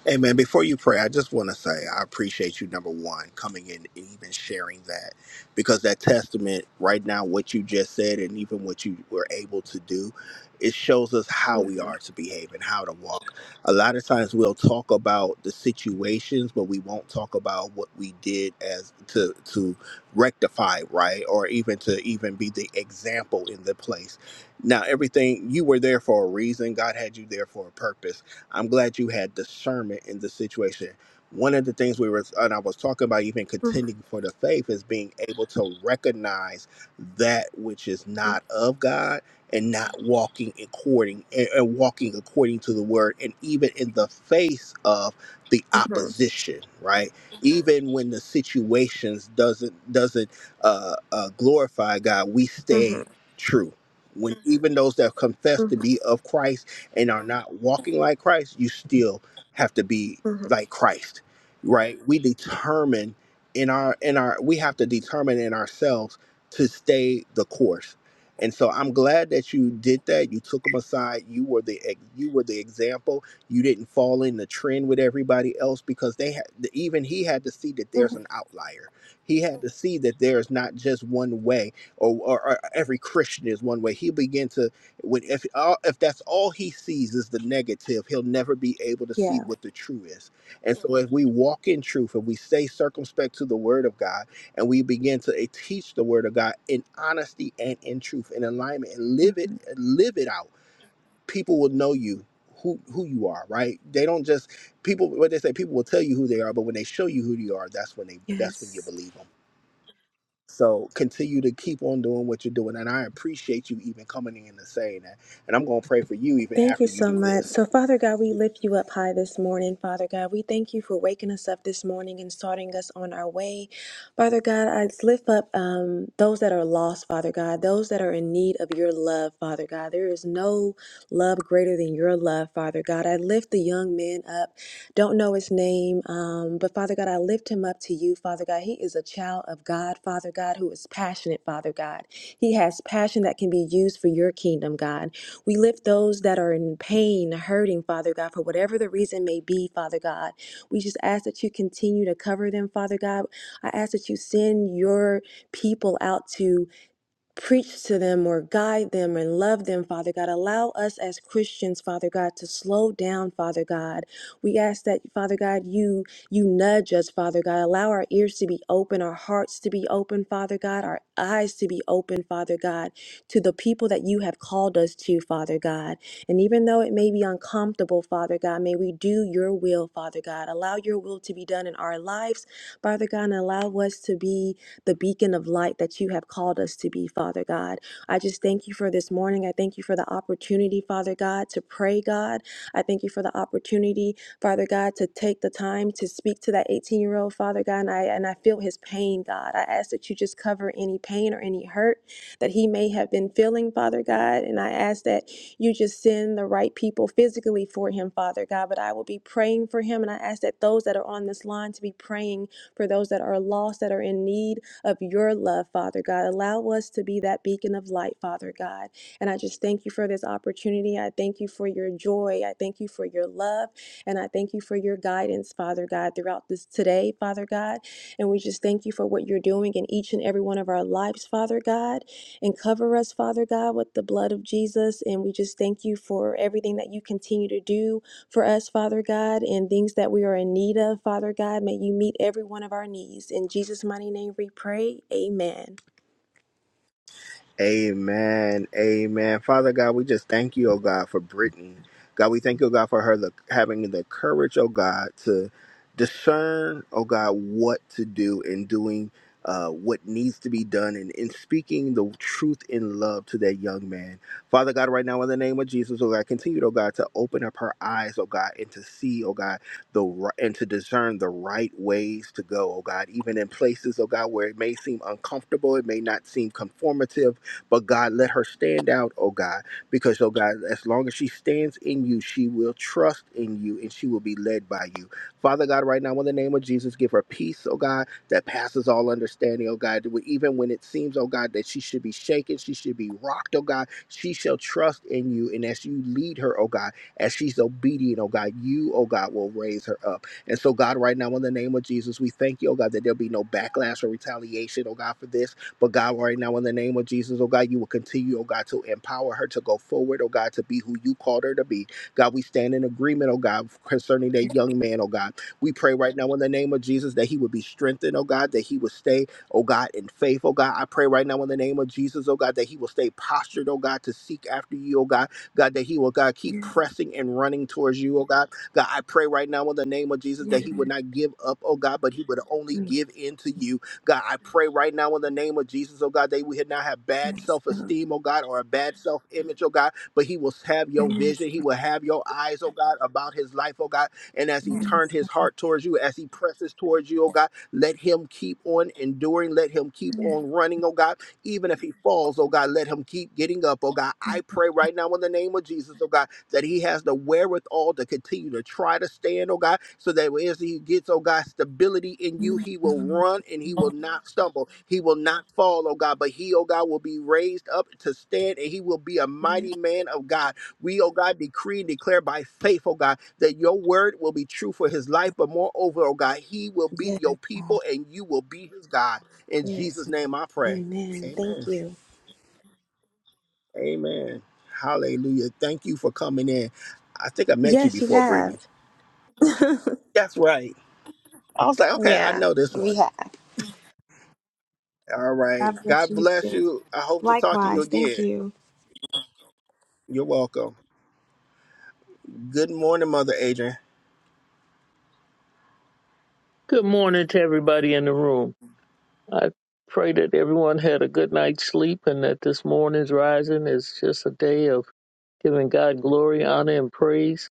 S1: Amen. before you pray, I just want to say I appreciate you, number one, coming in and even sharing that because that testament right now, what you just said, and even what you were able to do, it shows us how we
S5: Mhm,
S1: are to behave and how to walk. A lot of times we'll talk about the situations, but we won't talk about what we did as to to rectify, right? Or even to even be the example in the place. Now, everything you were there for a reason. God had you there for a purpose I'm glad you had discernment in the situation. One of the things we were, and I was talking about even
S5: mhm,
S1: contending for the faith, is being able to recognize that which is not of God and not walking according and, and walking according to the word, and even in the face of the
S5: mhm,
S1: opposition, right? Even when the situations doesn't doesn't uh, uh, glorify God, we stay
S5: mhm,
S1: true. When even those that confess to
S5: mhm,
S1: be of Christ and are not walking like Christ, you still have to be
S5: mhm,
S1: like Christ, right? We determine in our in our we have to determine in ourselves to stay the course. And so I'm glad that you did that. You took them aside. You were the ex- you were the example. You didn't fall in the trend with everybody else because they had even he had to see that there's
S5: mhm.
S1: an outlier. He had to see that there's not just one way or, or, or every Christian is one way. He began to when if all, if that's all he sees is the negative, he'll never be able to see
S5: Yeah.
S1: what the true is. And so, if we walk in truth and we stay circumspect to the Word of God, and we begin to eh, teach the Word of God in honesty and in truth, in alignment, and live it,
S5: mhm,
S1: live it out, people will know you. Who, who you are, right? They don't just people. What they say, people will tell you who they are, but when they show you who you are, that's when they that's when you
S5: Yes.
S1: believe them. So continue to keep on doing what you're doing. And I appreciate you even coming in and saying that. And I'm going to pray for you even
S5: Thank you
S1: after you
S5: so
S1: do
S5: much.
S1: this.
S5: So, Father God, we lift you up high this morning. Father God, we thank you for waking us up this morning and starting us on our way. Father God, I lift up um, those that are lost, Father God, those that are in need of your love, Father God. There is no love greater than your love, Father God. I lift the young men up. Don't know his name, um, but Father God, I lift him up to you, Father God. He is a child of God, Father God, who is passionate, Father God. He has passion that can be used for your kingdom, God. We lift those that are in pain, hurting, Father God, for whatever the reason may be, Father God. We just ask that you continue to cover them, Father God. I ask that you send your people out to preach to them or guide them and love them, Father God. Allow us as Christians, Father God, to slow down, Father God. We ask that, Father God, you you nudge us, Father God. Allow our ears to be open, our hearts to be open, Father God, our eyes to be open, Father God, to the people that you have called us to, Father God. And even though it may be uncomfortable, Father God, may we do your will, Father God. Allow your will to be done in our lives, Father God, and allow us to be the beacon of light that you have called us to be, Father God. I just thank you for this morning. I thank you for the opportunity, Father God, to pray, God. I thank you for the opportunity, Father God, to take the time to speak to that 18 year old, Father God, and I, and I feel his pain, God. I ask that you just cover any pain or any hurt that he may have been feeling, Father God. And I ask that you just send the right people physically for him, Father God. But I will be praying for him. And I ask that those that are on this line to be praying for those that are lost, that are in need, of your love, Father God. Allow us to be that beacon of light, Father God. And I just thank you for this opportunity. I thank you for your joy. I thank you for your love. And I thank you for your guidance, Father God, throughout this today, Father God. And we just thank you for what you're doing in each and every one of our lives, Father God. And cover us, Father God, with the blood of Jesus. And we just thank you for everything that you continue to do for us, Father God, and things that we are in need of, Father God. May you meet every one of our needs. In Jesus' mighty name we pray. Amen.
S1: Amen. Amen. Father God, we just thank you, oh God, for Brittany. God, we thank you, oh God, for her the, having the courage, oh God, to discern, oh God, what to do in doing uh, what needs to be done and in speaking the truth in love to that young man. Father God, right now in the name of Jesus, oh God, continue, oh God, to open up her eyes, oh God, and to see, oh God, the ri- and to discern the right ways to go, oh God, even in places, oh God, where it may seem uncomfortable, it may not seem conformative, but God, let her stand out, oh God, because, oh God, as long as she stands in you, she will trust in you and she will be led by you. Father God, right now, in the name of Jesus, give her peace, oh God, that passes all understanding, oh God. Even when it seems, oh God, that she should be shaken, she should be rocked, oh God, she shall trust in you. And as you lead her, oh God, as she's obedient, oh God, you, oh God, will raise her up. And so, God, right now, in the name of Jesus, we thank you, oh God, that there'll be no backlash or retaliation, oh God, for this. But God, right now, in the name of Jesus, oh God, you will continue, oh God, to empower her to go forward, oh God, to be who you called her to be. God, we stand in agreement, oh God, concerning that young man, oh God. We pray right now in the name of Jesus that he would be strengthened, oh God, that he would stay, oh God, in faith, oh God. I pray right now in the name of Jesus, oh God, that he will stay postured, oh God, to seek after you, oh God. God, that he will, God, keep
S5: Yes,
S1: pressing and running towards you, oh God. God, I pray right now in the name of Jesus that
S5: yes,
S1: he would not give up, oh God, but he would only
S5: yes,
S1: give in to you. God, I pray right now in the name of Jesus, oh God, that we would not have bad self esteem, oh God, or a bad self image, oh God, but he will have your
S5: yes,
S1: vision. He will have your eyes, oh God, about his life, oh God. And
S5: yes,
S1: as he
S5: yes,
S1: turned his heart towards you, as he presses towards you, oh God, let him keep on enduring. Let him keep
S5: yes,
S1: on running, oh God even if he falls, oh God, let him keep getting up, oh God. I pray right now in the name of Jesus, oh God, that he has the wherewithal to continue to try to stand, oh God, so that as he gets, oh God, stability in you, he will run and he will not stumble. He will not fall, oh God, but he, oh God, will be raised up to stand and he will be a mighty man of God. We, oh God, decree and declare by faith, oh God, that your word will be true for his life, but moreover, oh God, he will be your
S5: God.
S1: people and you will be his God. In Jesus'
S5: Yes,
S1: name I pray.
S5: Amen. Thank
S1: Amen.
S5: you.
S1: Amen. Hallelujah. Thank you for coming in. I think I met you
S5: Yes, you
S1: before, Brittany.
S5: have.
S1: That's right. I was like, okay, I
S5: yeah,
S1: know this
S5: we
S1: one.
S5: have.
S1: All right.
S5: God bless
S1: God
S5: you
S1: bless
S5: too.
S1: you. I hope to talk to you
S5: Likewise. Thank
S1: again.
S5: you.
S1: You're welcome. Good morning, Mother Adrian.
S6: Good morning to everybody in the room. I pray that everyone had a good night's sleep and that this morning's rising is just a day of giving God glory, honor, and praise.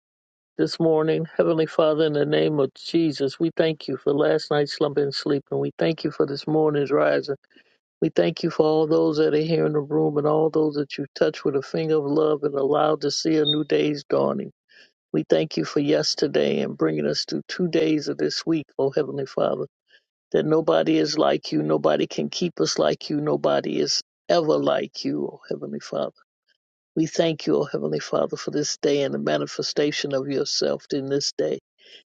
S6: This morning, Heavenly Father, in the name of Jesus, we thank you for last night's slumber and sleep, and we thank you for this morning's rising. We thank you for all those that are here in the room and all those that you touch with a finger of love and allowed to see a new day's dawning. We thank you for yesterday and bringing us through two days of this week, O Heavenly Father that nobody is like you, nobody can keep us like you, nobody is ever like you, O Heavenly Father. We thank you, O Heavenly Father, for this day and the manifestation of yourself in this day.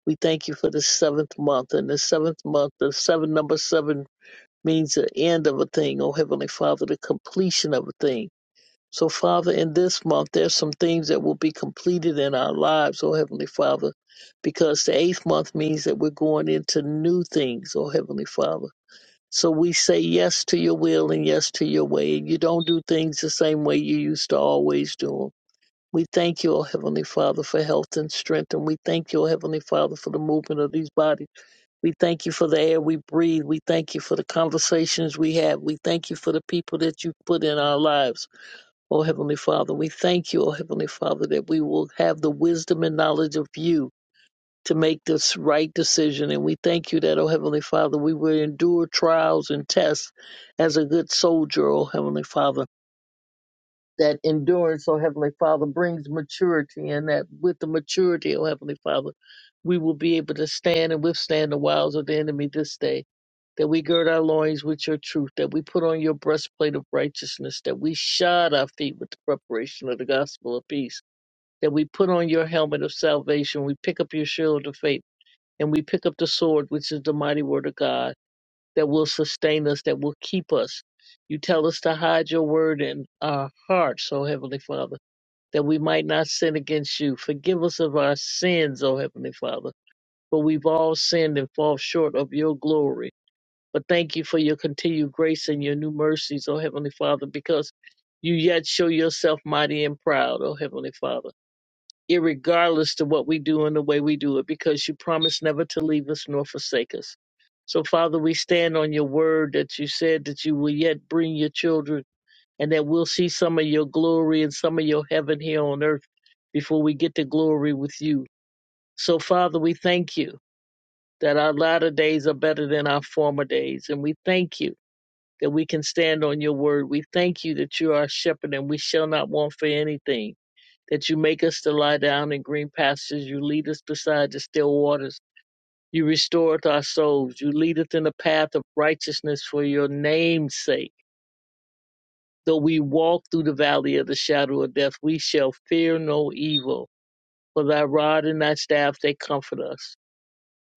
S6: We thank you for the seventh month. And the seventh month, the seven number seven means the end of a thing, O Heavenly Father, the completion of a thing. So, Father, in this month, there's some things that will be completed in our lives, O Heavenly Father, because the eighth month means that we're going into new things, O Heavenly Father. So we say yes to your will and yes to your way. You don't do things the same way you used to always do them. We thank you, O Heavenly Father, for health and strength, and we thank you, O Heavenly Father, for the movement of these bodies. We thank you for the air we breathe. We thank you for the conversations we have. We thank you for the people that you put in our lives, O Heavenly Father. We thank you, O Heavenly Father, that we will have the wisdom and knowledge of you to make this right decision. And we thank you that, oh Heavenly Father, we will endure trials and tests as a good soldier, oh Heavenly Father. That endurance, oh Heavenly Father, brings maturity, and that with the maturity, oh Heavenly Father, we will be able to stand and withstand the wiles of the enemy this day. That we gird our loins with your truth, that we put on your breastplate of righteousness, that we shod our feet with the preparation of the gospel of peace, that we put on your helmet of salvation, we pick up your shield of faith and we pick up the sword, which is the mighty word of God that will sustain us, that will keep us. You tell us to hide your word in our hearts, O Heavenly Father, that we might not sin against you. Forgive us of our sins, O Heavenly Father, for we've all sinned and fall short of your glory. But thank you for your continued grace and your new mercies, O Heavenly Father, because you yet show yourself mighty and proud, O Heavenly Father irregardless to what we do and the way we do it, because you promised never to leave us nor forsake us. So, Father, we stand on your word that you said that you will yet bring your children and that we'll see some of your glory and some of your heaven here on earth before we get to glory with you. So, Father, we thank you that our latter days are better than our former days. And we thank you that we can stand on your word. We thank you that you are our shepherd and we shall not want for anything that you make us to lie down in green pastures. You lead us beside the still waters. You restoreth our souls. You leadeth in the path of righteousness for your name's sake. Though we walk through the valley of the shadow of death, we shall fear no evil. For thy rod and thy staff, they comfort us.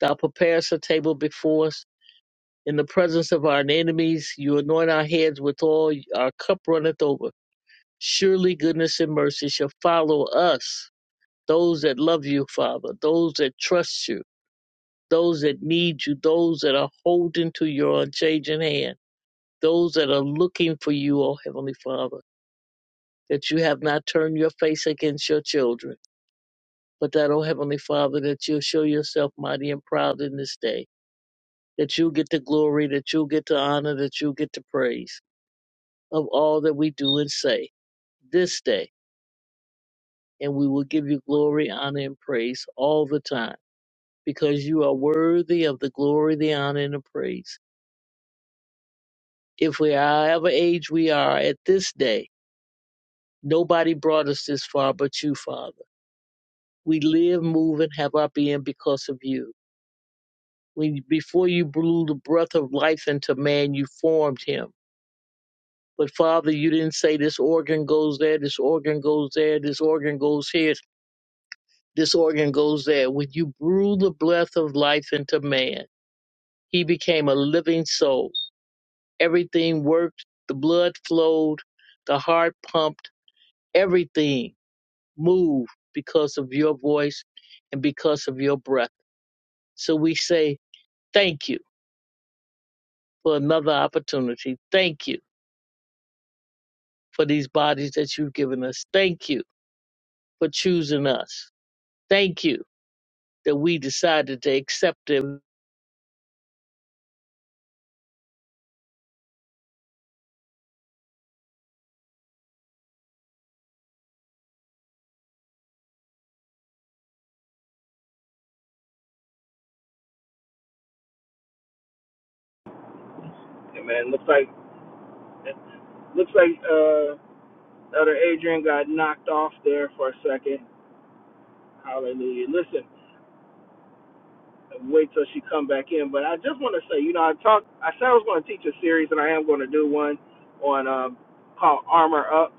S6: Thou preparest a table before us in the presence of our enemies. You anoint our heads with oil. Our cup runneth over. Surely goodness and mercy shall follow us those that love you, Father, those that trust you, those that need you, those that are holding to your unchanging hand, those that are looking for you, O Heavenly Father, that you have not turned your face against your children, but that, O Heavenly Father, that you'll show yourself mighty and proud in this day, that you'll get the glory, that you'll get the honor, that you'll get the praise of all that we do and say this day, and we will give you glory, honor, and praise all the time because you are worthy of the glory, the honor, and the praise. If we are however age we are at this day, nobody brought us this far but you, Father. We live, move, and have our being because of you. When before you blew the breath of life into man, you formed him. But Father, you didn't say this organ goes there, this organ goes there, this organ goes here, this organ goes there. When you blew the breath of life into man, he became a living soul Everything worked. The blood flowed. The heart pumped. Everything moved because of your voice and because of your breath. So we say thank you for another opportunity. Thank you for these bodies that you've given us. Thank you for choosing us. Thank you that we decided to accept it.
S1: Yeah, man, looks like looks like uh other Adrian got knocked off there for a second. Hallelujah. Listen, wait till she come back in. But I just want to say, you know, I talked. I said I was going to teach a series, and I am going to do one on um called Armor Up.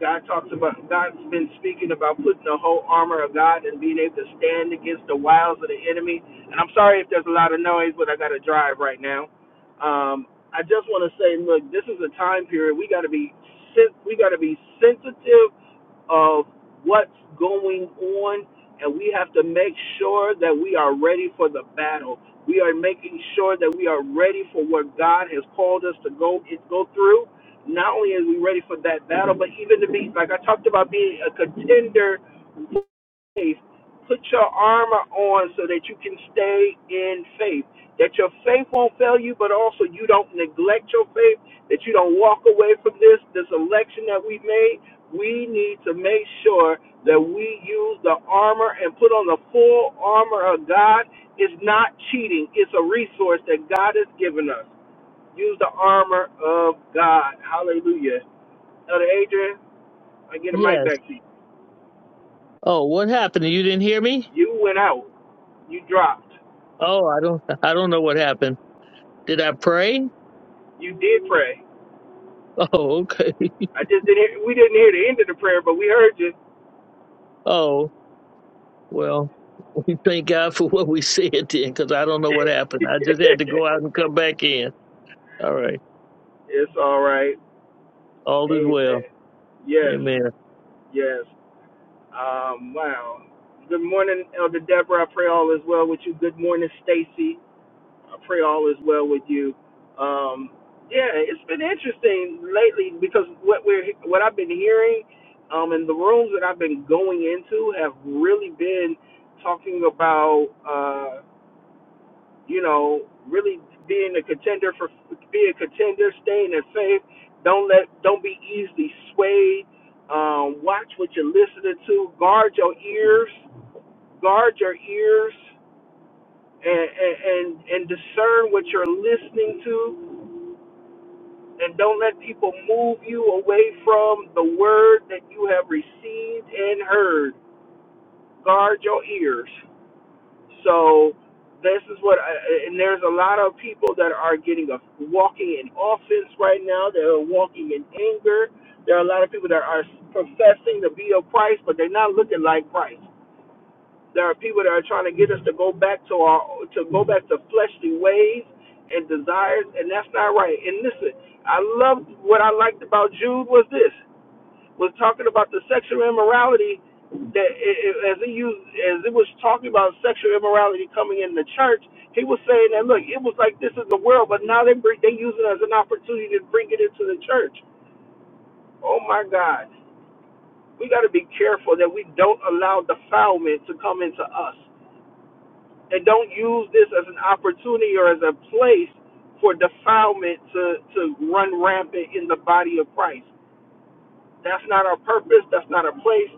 S1: God talks about God's been speaking about putting the whole armor of God and being able to stand against the wiles of the enemy. And I'm sorry if there's a lot of noise, but I got to drive right now. Um, I just want to say, look, this is a time period we got to be sen- we got to be sensitive of what's going on, and we have to make sure that we are ready for the battle. We are making sure that we are ready for what God has called us to go go through. Not only are we ready for that battle, but even to be like I talked about being a contender faith. Put your armor on so that you can stay in faith. That your faith won't fail you, but also you don't neglect your faith, that you don't walk away from this, this election that we made. We need to make sure that we use the armor and put on the full armor of God. It's not cheating, it's a resource that God has given us. Use the armor of God. Hallelujah. Elder Adrian, I get a mic
S6: Yes.
S1: back to you.
S6: Oh, what happened? You didn't hear me?
S1: You went out. You dropped.
S6: Oh, I don't I don't know what happened. Did I pray?
S1: You did pray.
S6: Oh, okay.
S1: I just didn't. Hear, we didn't hear the end of the prayer, but we heard you.
S6: Oh. Well, we thank God for what we said then, because I don't know what happened. I just had to
S1: it's
S6: go out and come back in. All right.
S1: all right.
S6: All is well.
S1: Amen. Yes.
S6: Amen.
S1: Yes. Um. Wow. Good morning, Elder Deborah. I pray all is well with you. Good morning, Stacy. I pray all is well with you. Um. Yeah, it's been interesting lately because what we're what I've been hearing, um, and the rooms that I've been going into have really been talking about. Uh, you know, really being a contender for be a contender, staying in faith. Don't let don't be easily swayed. Um, watch what you're listening to. Guard your ears. Guard your ears and and and discern what you're listening to. And don't let people move you away from the word that you have received and heard. Guard your ears. So this is what, I, and there's a lot of people that are getting a walking in offense right now. They're walking in anger. There are a lot of people that are professing to be of Christ, but they're not looking like Christ. There are people that are trying to get us to go back to our to go back to fleshly ways and desires, and that's not right. And listen, I loved what I liked about Jude was this was talking about the sexual immorality that it, it, as he used as it was talking about sexual immorality coming in the church, he was saying that look, it was like this is the world, but now they bring, they use it as an opportunity to bring it into the church. Oh my God, we got to be careful that we don't allow defilement to come into us, and don't use this as an opportunity or as a place for defilement to to run rampant in the body of Christ. That's not our purpose. That's not our place.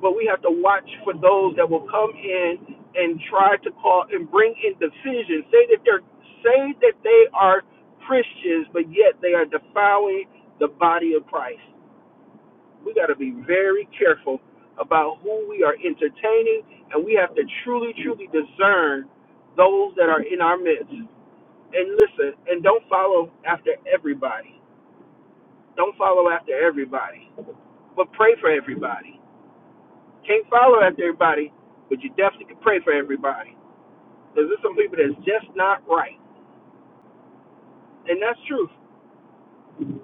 S1: But we have to watch for those that will come in and try to call and bring in division. Say that they're say that they are Christians, but yet they are defiling the body of Christ. We got to be very careful about who we are entertaining, and we have to truly, truly discern those that are in our midst. And listen, and don't follow after everybody. Don't follow after everybody, but pray for everybody Can't follow after everybody, but you definitely can pray for everybody. Because there's some people that's just not right. And that's true.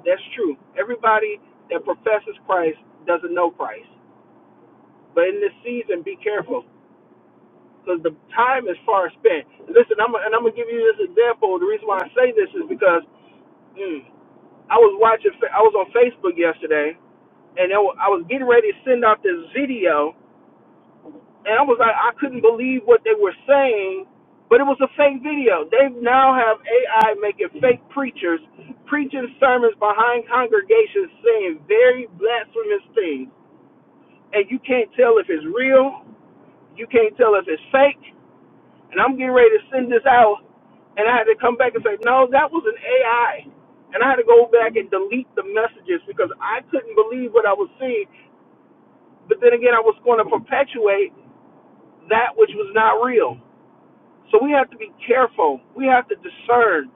S1: That's true. Everybody that professes Christ doesn't know Christ. But in this season, be careful. Because the time is far spent. Listen, I'm and I'm gonna give you this example. The reason why I say this is because mm, I was watching. Fa- I was on Facebook yesterday, and it wa- I was getting ready to send out this video and I was like, I couldn't believe what they were saying, but it was a fake video. They now have AI making fake preachers preaching sermons behind congregations saying very blasphemous things, and you can't tell if it's real, you can't tell if it's fake. And I'm getting ready to send this out, and I had to come back and say, no, that was an AI. And I had to go back and delete the messages because I couldn't believe what I was seeing. But then again, I was going to perpetuate that which was not real. So we have to be careful. We have to discern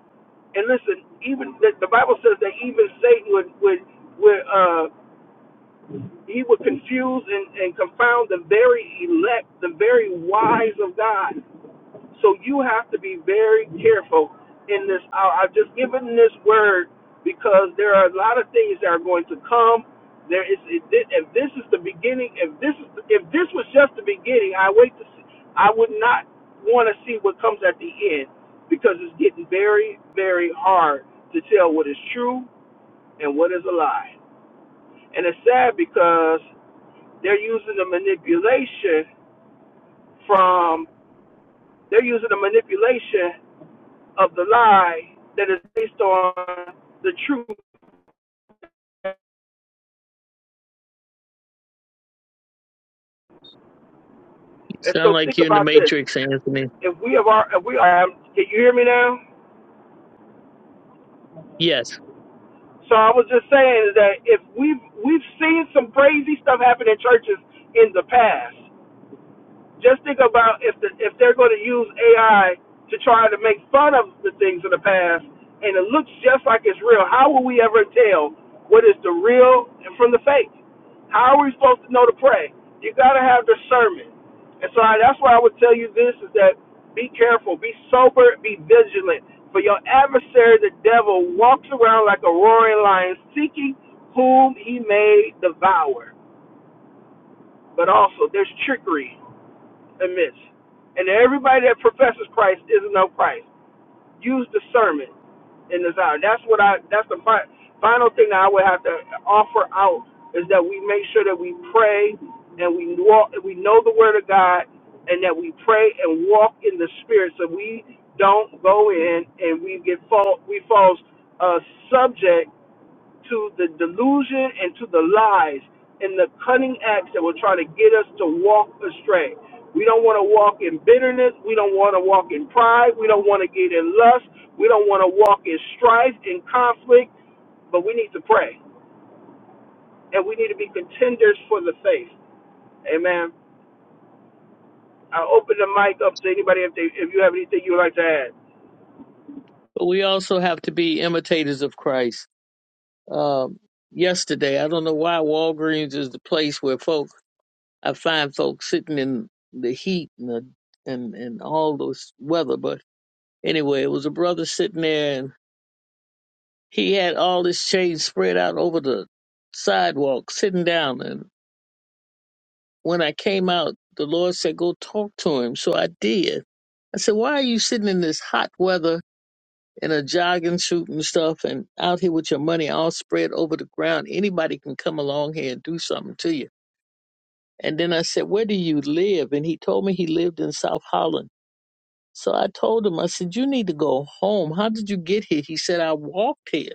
S1: and listen, even the, the Bible says that even Satan would would would uh he would confuse and, and confound the very elect, the very wise of God. So you have to be very careful in this hour. I've just given this word because there are a lot of things that are going to come. There is if thi- if this is the beginning, if this is if this was just the beginning, I wait to see. I would not want to see what comes at the end because it's getting very very hard to tell what is true and what is a lie. And it's sad because they're using the manipulation from they're using the manipulation of the lie that is based on the truth.
S6: You
S1: And
S6: sound
S1: so
S6: like
S1: think
S6: you're in the
S1: about this.
S6: Matrix, Anthony.
S1: If we have our, if we are, can you hear me now?
S6: Yes.
S1: So I was just saying that if we've, we've seen some crazy stuff happen in churches in the past, just think about if the, if they're going to use AI to try to make fun of the things of the past, and it looks just like it's real. How will we ever tell what is the real and from the fake? How are we supposed to know to pray? You got to have discernment, and so I, that's why I would tell you this: is that be careful, be sober, be vigilant. For your adversary, the devil, walks around like a roaring lion, seeking whom he may devour. But also, there's trickery amiss. And everybody that professes Christ isn't of Christ. Use discernment in this hour. That's what I. That's the fi- final thing that I would have to offer out is that we make sure that we pray and we walk. We know the Word of God and that we pray and walk in the Spirit, so we don't go in and we get fall. We fall uh, subject to the delusion and to the lies and the cunning acts that will try to get us to walk astray. We don't want to walk in bitterness. We don't want to walk in pride. We don't want to get in lust. We don't want to walk in strife and conflict, but we need to pray. And we need to be contenders for the faith. Amen. I open the mic up to anybody if they if you have anything you would like to add.
S6: But we also have to be imitators of Christ. Um, yesterday, I don't know why Walgreens is the place where folks, I find folks sitting in the heat and, the, and, and all this weather. But anyway, it was a brother sitting there and. He had all his shade spread out over the sidewalk, sitting down. And when I came out, the Lord said, Go talk to him. So I did. I said, Why are you sitting in this hot weather in a jogging suit and stuff and out here with your money all spread over the ground? Anybody can come along here and do something to you. And then I said, Where do you live? And he told me he lived in South Holland. So I told him, I said, You need to go home. How did you get here? He said, I walked here.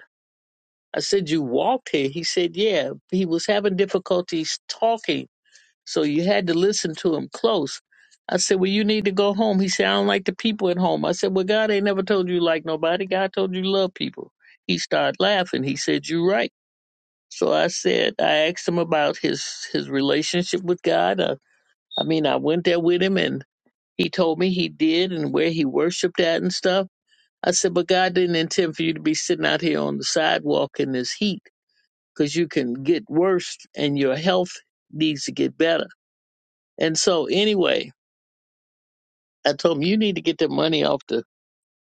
S6: I said, You walked here. He said, Yeah. He was having difficulties talking, so you had to listen to him close. I said, Well, you need to go home. He said, I don't like the people at home. I said, Well, God ain't never told you like nobody. God told you you love people. He started laughing. He said, You're right. So I said, I asked him about his his relationship with God. Uh, I mean, I went there with him and he told me he did and where he worshiped at and stuff. I said, But God didn't intend for you to be sitting out here on the sidewalk in this heat because you can get worse and your health needs to get better. And so, anyway, I told him, you need to get that money off the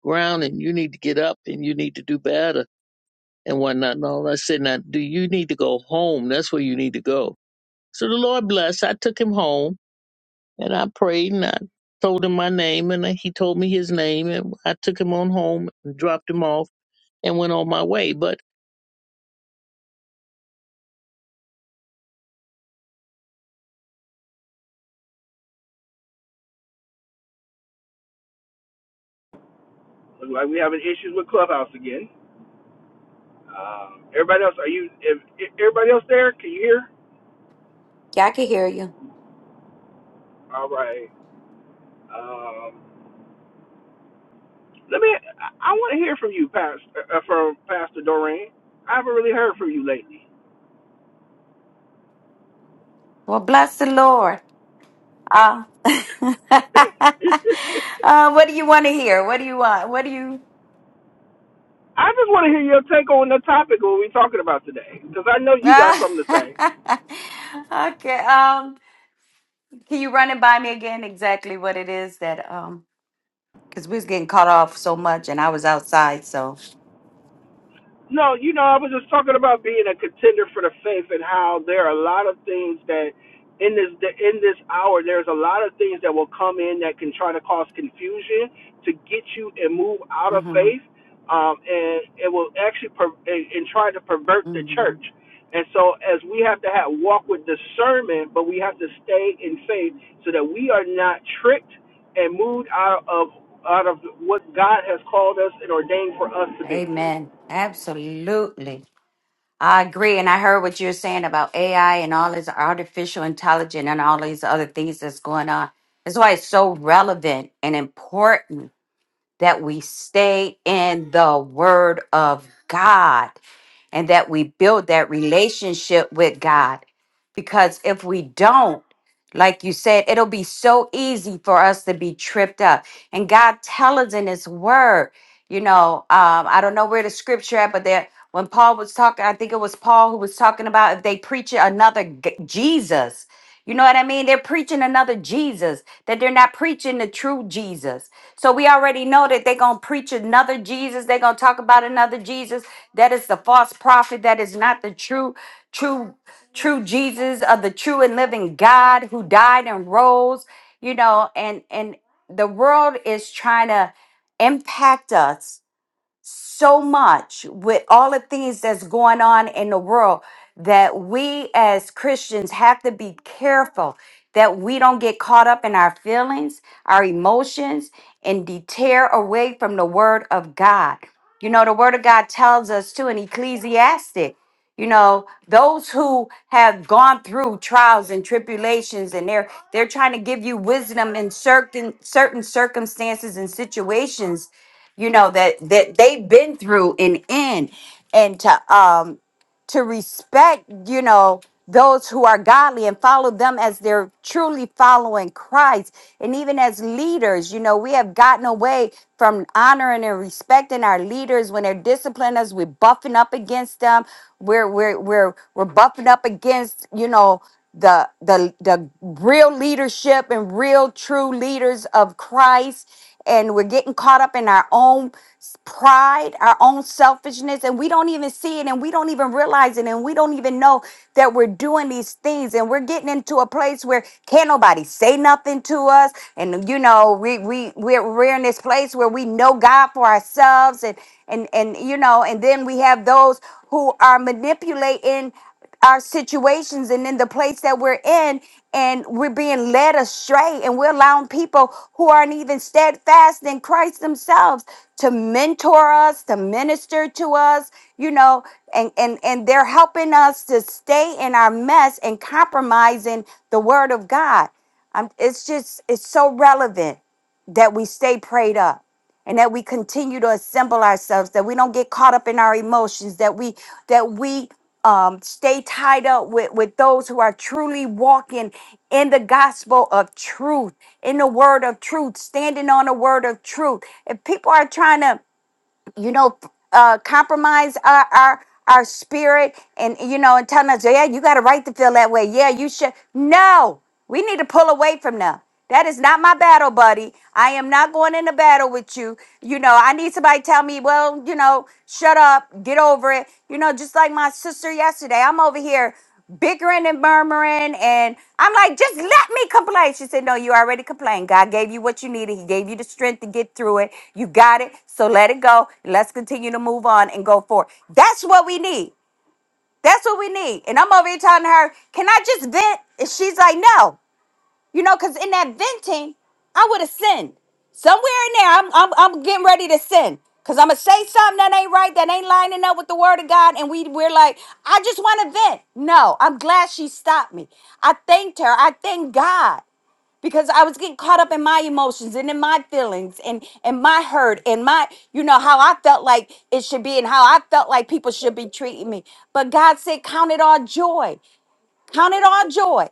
S6: ground and you need to get up and you need to do better and whatnot. And all I said, now, do you need to go home? That's where you need to go. So the Lord blessed. I took him home and I prayed and I told him my name and he told me his name and I took him on home and dropped him off and went on my way. But
S1: Look like we having issues with Clubhouse again. Um, everybody else, are you? If, if everybody else there, can you hear?
S3: Yeah, I can hear you.
S1: All right. Um, let me. I, I want to hear from you, Pastor, uh, uh, from Pastor Doreen. I haven't really heard from you lately.
S3: Well, bless the Lord. Uh, uh, what do you want to hear? What do you want? What do you?
S1: I just want to hear your take on the topic what we're talking about today, because I know you got
S3: Uh,
S1: something to say.
S3: okay. Um, can you run it by me again? Exactly what it is that um, because we was getting caught off so much, and I was outside. So,
S1: No, you know, I was just talking about being a contender for the faith and how there are a lot of things that in this in this hour there's a lot of things that will come in that can try to cause confusion to get you and move out of
S3: hmm
S1: faith, um, and it will actually per, and, and try to pervert the
S3: hmm
S1: church. And so, as we have to have walk with discernment, but we have to stay in faith so that we are not tricked and moved out of out of what God has called us and ordained for us to be.
S3: Amen. Absolutely. I agree, and I heard what you're saying about AI and all this artificial intelligence and all these other things that's going on. That's why it's so relevant and important that we stay in the Word of God and that we build that relationship with God. Because if we don't, like you said, it'll be so easy for us to be tripped up. And God tells us in His Word, you know, um, I don't know where the scripture at, but that when Paul was talking, I think it was Paul who was talking about if they preach another g- Jesus. You know what I mean? They're preaching another Jesus, that they're not preaching the true Jesus. So we already know that they're going to preach another Jesus. They're going to talk about another Jesus. That is the false prophet. That is not the true, true, true Jesus of the true and living God who died and rose, you know, and, and the world is trying to impact us so much with all the things that's going on in the world that we as Christians have to be careful that we don't get caught up in our feelings, our emotions, and deter away from the Word of God. You know, the Word of God tells us too in Ecclesiastes. You know, those who have gone through trials and tribulations and they're they're trying to give you wisdom in certain certain circumstances and situations, you know, that that they've been through and in. And to um to respect, you know, those who are godly and follow them as they're truly following Christ. And even as leaders, you know, we have gotten away from honoring and respecting our leaders when they're disciplining us. We're buffing up against them. We're we're we're we're buffing up against, you know, the the the real leadership and real true leaders of Christ and we're getting caught up in our own s- pride, our own selfishness, and we don't even see it and we don't even realize it and we don't even know that we're doing these things and we're getting into a place where can't nobody say nothing to us and you know we we we're, we're in this place where we know God for ourselves and and and you know and then we have those who are manipulating our situations and in the place that we're in and we're being led astray and we're allowing people who aren't even steadfast in christ themselves to mentor us to minister to us you know and and and they're helping us to stay in our mess and compromising the word of god um, it's just it's so relevant that we stay prayed up and that we continue to assemble ourselves that we don't get caught up in our emotions that we that we um, stay tied up with with those who are truly walking in the gospel of truth in the word of truth standing on the word of truth if people are trying to you know, uh, compromise our, our our spirit, and you know, and telling us, yeah, you got a right to feel that way. Yeah, you should. No, we need to pull away from them. That is not my battle, buddy. I am not going into battle with you. You know, I need somebody to tell me, well, you know, shut up, get over it. You know, just like my sister yesterday, I'm over here bickering and murmuring. And I'm like, just let me complain. She said, No, you already complained. God gave you what you needed. He gave you the strength to get through it. You got it. So let it go. let's continue to move on and go forward. That's what we need. That's what we need. And I'm over here telling her, Can I just vent? And she's like, No. You know, because in that venting, I would have sinned. Somewhere in there, I'm, I'm, I'm getting ready to sin. Because I'm going to say something that ain't right, that ain't lining up with the word of God. And we, we're like, I just want to vent. No, I'm glad she stopped me. I thanked her. I thank God because I was getting caught up in my emotions and in my feelings and and my hurt and my you know how I felt like it should be and how I felt like people should be treating me. But God said, "Count it all joy." Count it all joy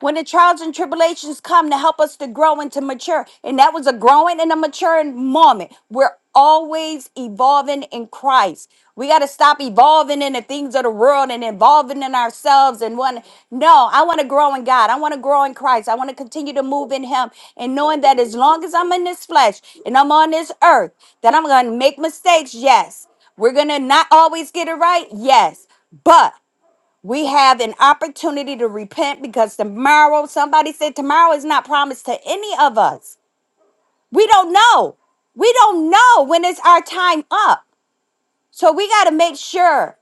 S3: when the trials and tribulations come to help us to grow and to mature. And that was a growing and a maturing moment. We're always evolving in Christ. We got to stop evolving in the things of the world and evolving in ourselves and one. No, I want to grow in God. I want to grow in Christ. I want to continue to move in Him and knowing that as long as I'm in this flesh and I'm on this earth, that I'm going to make mistakes. Yes. We're going to not always get it right. Yes. But we have an opportunity to repent because tomorrow, somebody said tomorrow is not promised to any of us. We don't know. We don't know when it's our time up. So we got to make sure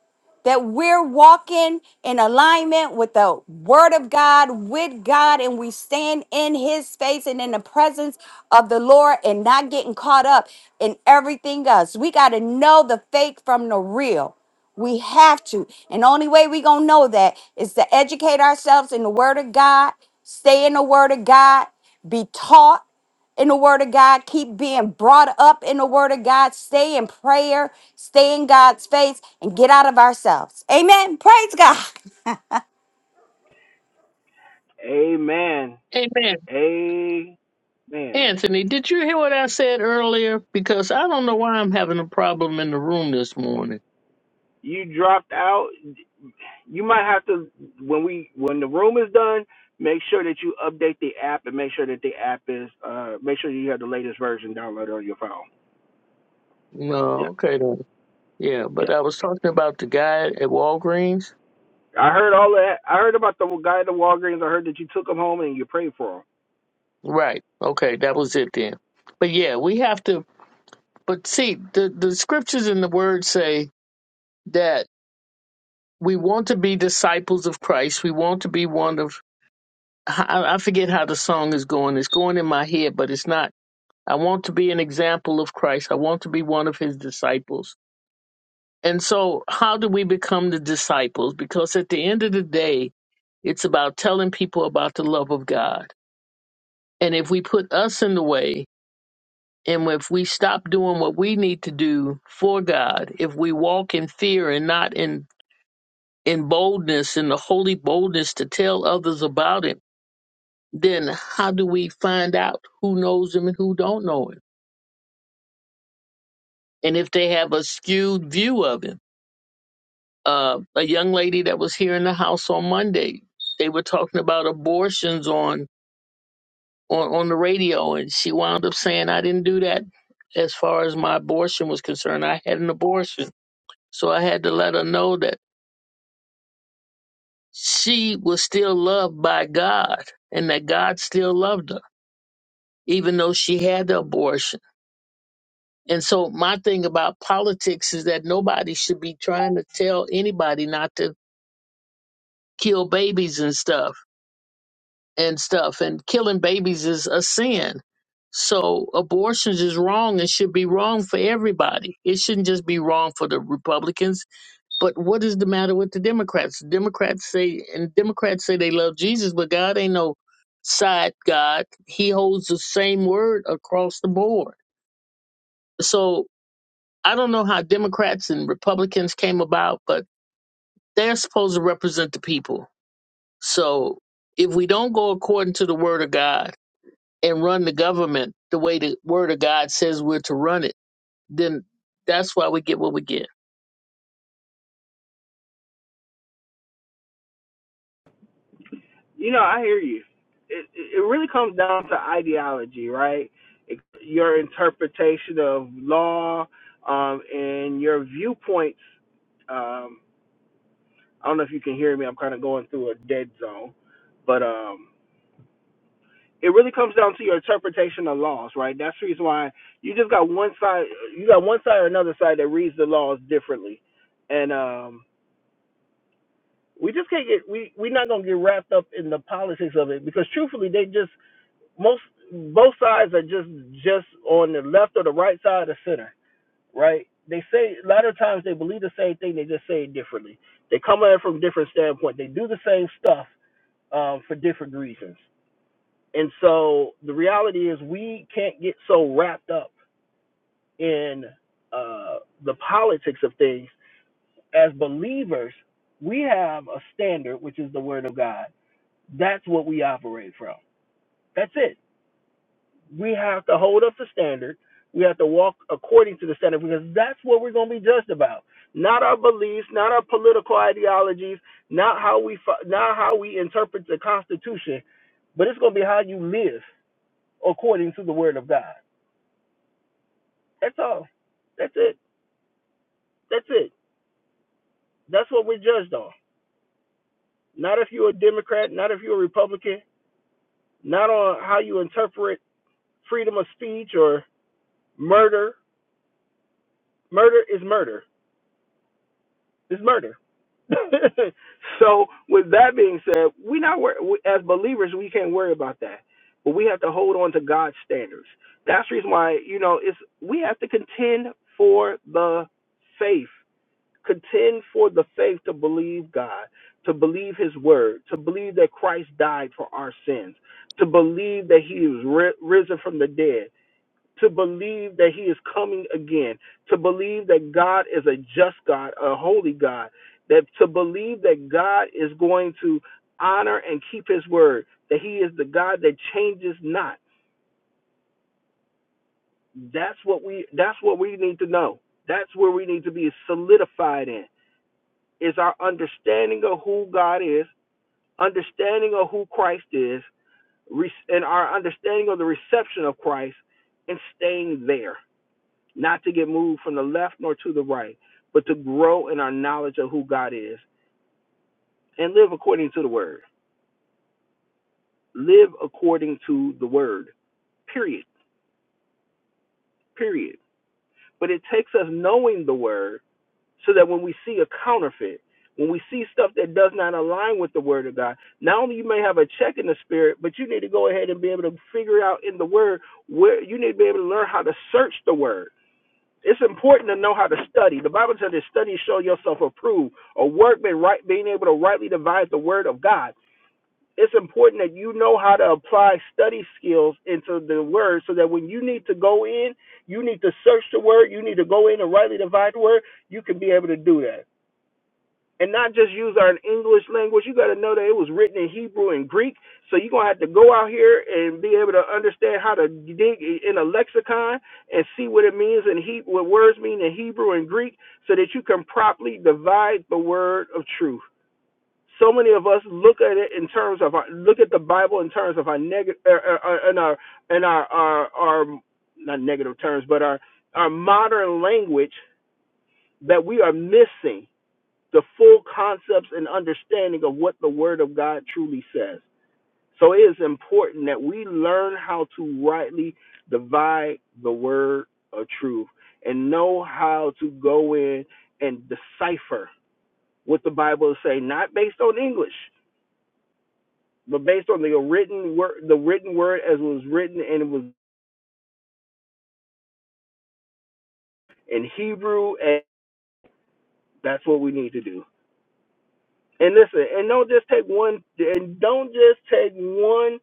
S3: that we're walking in alignment with the word of God, with God, and we stand in his face and in the presence of the Lord and not getting caught up in everything else. We got to know the fake from the real. We have to. And the only way we going to know that is to educate ourselves in the word of God, stay in the word of God, be taught in the Word of God, keep being brought up in the Word of God, stay in prayer, stay in God's face, and get out of ourselves. Amen. Praise God.
S1: Amen.
S6: Amen.
S1: Amen.
S6: Anthony, did you hear what I said earlier? Because I don't know why I'm having a problem in the room this morning.
S1: You dropped out. You might have to when we when the room is done, make sure that you update the app and make sure that the app is uh make sure you have the latest version downloaded on your phone. Yeah,
S6: No, okay then. Yeah,
S1: yeah.
S6: but I was talking about the guy at Walgreens.
S1: I heard all that. I heard about the guy at the Walgreens. I heard that you took him home and you prayed for him.
S6: Right. Okay, that was it then. But yeah, we have to but see the, the scriptures and the word say that we want to be disciples of Christ. We want to be one of I, I forget how the song is going. It's going in my head, but it's not. I want to be an example of Christ. I want to be one of his disciples And so, how do we become the disciples? Because at the end of the day, it's about telling people about the love of God. And if we put us in the way, and if we stop doing what we need to do for God, if we walk in fear and not in, in boldness, in the holy boldness to tell others about it, then how do we find out who knows Him and who don't know Him? And if they have a skewed view of Him? uh, a young lady that was here in the house on Monday. They were talking about abortions on, on on the radio, and she wound up saying, "I didn't do that." As far as my abortion was concerned, I had an abortion, so I had to let her know that she was still loved by God, and that God still loved her, even though she had the abortion. And so, my thing about politics is that nobody should be trying to tell anybody not to kill babies and stuff and stuff and killing babies is a sin so abortions is wrong and should be wrong for everybody it shouldn't just be wrong for the republicans but what is the matter with the democrats democrats say and democrats say they love jesus but god ain't no side god he holds the same word across the board so i don't know how democrats and republicans came about but they're supposed to represent the people so if we don't go according to the word of god and run the government the way the word of God says we're to run it, then that's why we get what we get.
S1: You know, I hear you. It it really comes down to ideology, right? It, your interpretation of law, um, and your viewpoints. Um, I don't know if you can hear me. I'm kind of going through a dead zone, but um, it really comes down to your interpretation of laws, right? That's the reason why you just got one side. You got one side or another side that reads the laws differently, and um, we just can't get we we're not gonna get wrapped up in the politics of it because truthfully, they just most both sides are just just on the left or the right side or center, right? They say a lot of times they believe the same thing, they just say it differently. They come at it from different standpoint. They do the same stuff um, for different reasons. And so the reality is we can't get so wrapped up in uh, the politics of things. As believers, we have a standard, which is the Word of God. That's what we operate from. That's it we have to hold up the standard. We have to walk according to the standard because that's what we're going to be judged about. Not our beliefs, not our political ideologies, not how we not how we interpret the Constitution, but it's going to be how you live according to the Word of God. That's all. That's it. That's it. That's what we're judged on. Not if you're a Democrat, not if you're a Republican, not on how you interpret freedom of speech or murder. Murder is murder. It's murder so with that being said, we not wor- we, as believers we can't worry about that, but we have to hold on to God's standards. That's the reason why you know it's we have to contend for the faith, contend for the faith to believe God, to believe His word, to believe that Christ died for our sins, to believe that He was ri- risen from the dead to believe that he is coming again, to believe that God is a just God, a holy God, that to believe that God is going to honor and keep his word, that he is the God that changes not. That's what we that's what we need to know. That's where we need to be solidified in is our understanding of who God is, understanding of who Christ is, and our understanding of the reception of Christ and staying there not to get moved from the left nor to the right, but to grow in our knowledge of who God is and live according to the word. Live according to the word, period, period. But it takes us knowing the word so that when we see a counterfeit, when we see stuff that does not align with the word of God, not only you may have a check in the spirit, but you need to go ahead and be able to figure out in the word where you need to be able to learn how to search the word It's important to know how to study. The Bible says that study show yourself approved, a workman right being able to rightly divide the word of God. It's important that you know how to apply study skills into the word so that when you need to go in, you need to search the word, you need to go in and rightly divide the word, you can be able to do that and not just use our English language. You got to know that it was written in Hebrew and Greek. So you're going to have to go out here and be able to understand how to dig in a lexicon and see what it means in he- what words mean in Hebrew and Greek so that you can properly divide the word of truth. So many of us look at it in terms of our, look at the Bible in terms of our negative uh, uh, uh, our and our, our our not negative terms, but our our modern language that we are missing the full concepts and understanding of what the Word of God truly says. So it is important that we learn how to rightly divide the Word of truth and know how to go in and decipher what the Bible is saying, not based on English, but based on the written word, the written word as it was written and it was in Hebrew, and that's what we need to do. And listen, and don't just take one, and don't just take one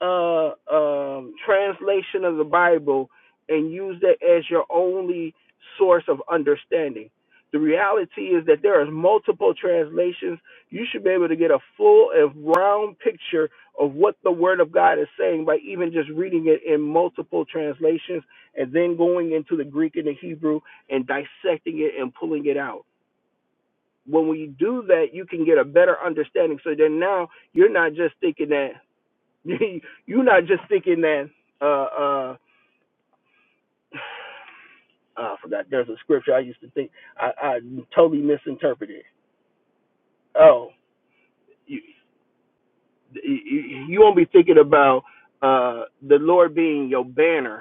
S1: uh, um, translation of the Bible and use that as your only source of understanding. The reality is that there are multiple translations. You should be able to get a full and round picture of what the Word of God is saying by even just reading it in multiple translations and then going into the Greek and the Hebrew and dissecting it and pulling it out. When we do that, you can get a better understanding. So then now you're not just thinking that You're not just thinking that. Uh, uh, oh, I forgot. There's a scripture I used to think. I, I totally misinterpreted. Oh, you, you, you won't be thinking about uh, the Lord being your banner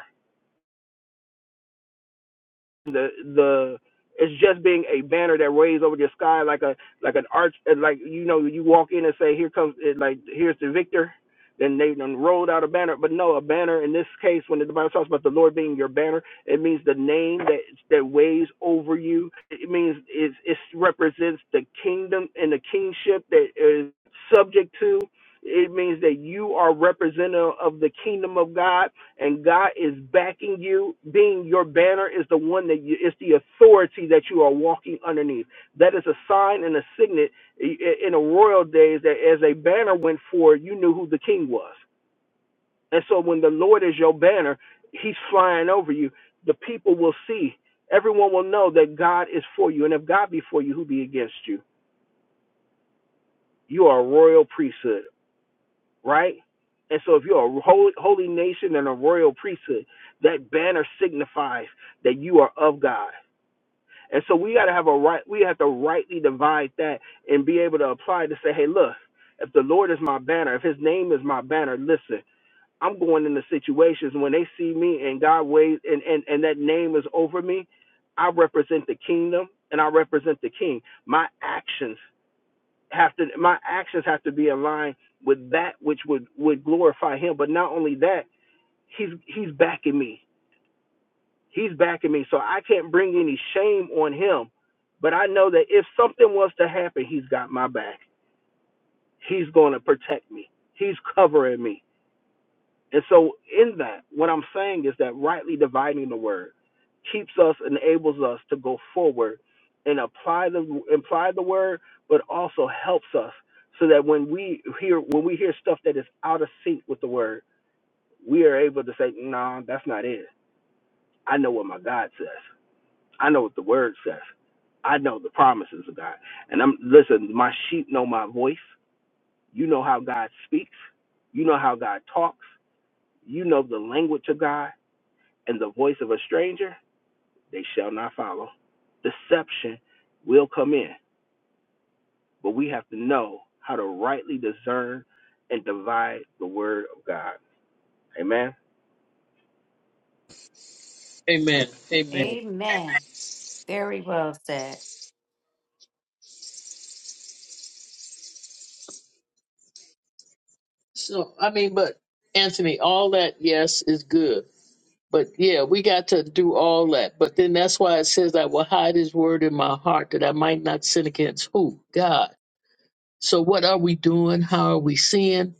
S1: the the it's just being a banner that waves over the sky like a like an arch uh, like you know you walk in and say here comes it like here's the victor then they then rolled out a banner but no a banner in this case when the bible talks about the lord being your banner it means the name that that waves over you it means it it represents the kingdom and the kingship that is subject to it means that you are representative of the kingdom of god and God is backing you, being your banner is the one that you, is the authority that you are walking underneath. That is a sign and a signet in the royal days that as a banner went forward, you knew who the king was. And so when the Lord is your banner, he's flying over you. The people will see. Everyone will know that God is for you. And if God be for you, who be against you? You are a royal priesthood right? And so, if you're a holy, holy nation and a royal priesthood, that banner signifies that you are of God. And so, we got to have a right, we have to rightly divide that and be able to apply to say, hey, look, if the Lord is my banner, if his name is my banner, listen, I'm going into situations when they see me and God waves and, and, and that name is over me, I represent the kingdom and I represent the king. My actions have to my actions have to be in line with that which would would glorify him but not only that he's he's backing me he's backing me so i can't bring any shame on him but i know that if something was to happen he's got my back he's going to protect me he's covering me And so, in that, what I'm saying is that rightly dividing the word keeps us, enables us to go forward and apply the apply the word, but also helps us so that when we hear when we hear stuff that is out of sync with the word, we are able to say, "No, nah, that's not it. I know what my God says. I know what the word says. I know the promises of God." And I'm listen. My sheep know my voice. You know how God speaks. You know how God talks. You know the language of God and the voice of a stranger they shall not follow. Deception will come in, but we have to know how to rightly discern and divide the word of God. Amen.
S6: Amen. Amen.
S3: Amen. Very well said.
S6: So, I mean, but Anthony, all that, yes, is good. But yeah, we got to do all that. But then that's why it says, I will hide his word in my heart that I might not sin against who? God. So, what are we doing? How are we seeing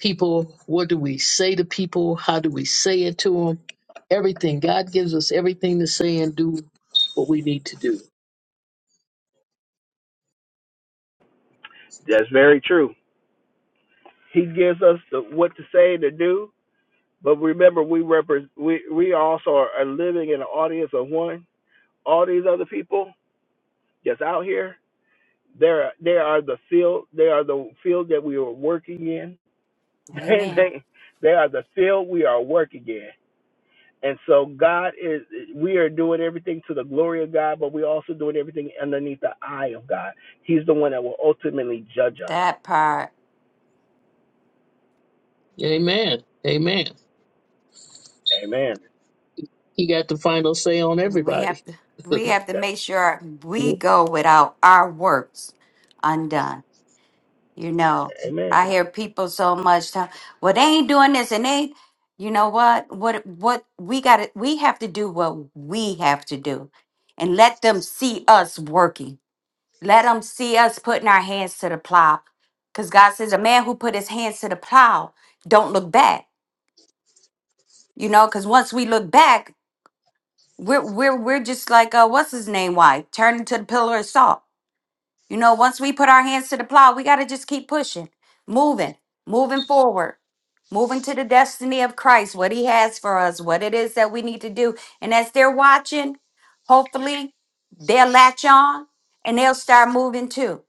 S6: people? What do we say to people? How do we say it to them? Everything. God gives us everything to say and do what we need to do.
S1: That's very true. He gives us the, what to say and to do, but remember, we represent. we we also are, living in an audience of one. All these other people that's out here, they're they are the field, they are the field that we are working in.
S3: Amen.
S1: they they are the field we are working in And so God is, we are doing everything to the glory of God, but we're also doing everything underneath the eye of God. He's the one that will ultimately judge us.
S3: That part
S6: Amen. Amen.
S1: Amen.
S6: He got the final say on
S3: we have
S6: everybody.
S3: to
S6: but
S3: we have to make sure we go without our works undone. You know,
S1: Amen.
S3: I hear people so much time, well, they ain't doing this and they, you know what? What, what we got to, we have to do what we have to do and let them see us working. Let them see us putting our hands to the plow. Because God says, a man who put his hands to the plow don't look back, you know, because once we look back, we're, we're, we're just like, uh, what's his name? Why? Turn into the pillar of salt You know, once we put our hands to the plow, we got to just keep pushing, moving, moving forward, moving to the destiny of Christ, what He has for us, what it is that we need to do. And as they're watching, hopefully they'll latch on and they'll start moving too.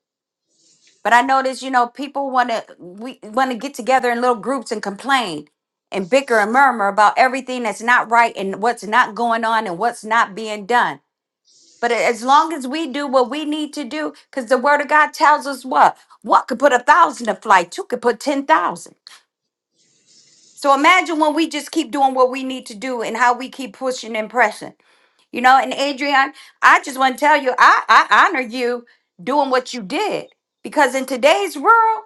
S3: But I notice, you know, people want to we want to get together in little groups and complain and bicker and murmur about everything that's not right and what's not going on and what's not being done. But as long as we do what we need to do, because the word of God tells us what? What could put a thousand to flight? Two could put 10,000. So imagine when we just keep doing what we need to do and how we keep pushing and pressing. You know, and Adrian, I just want to tell you, I, I honor you doing what you did because in today's world,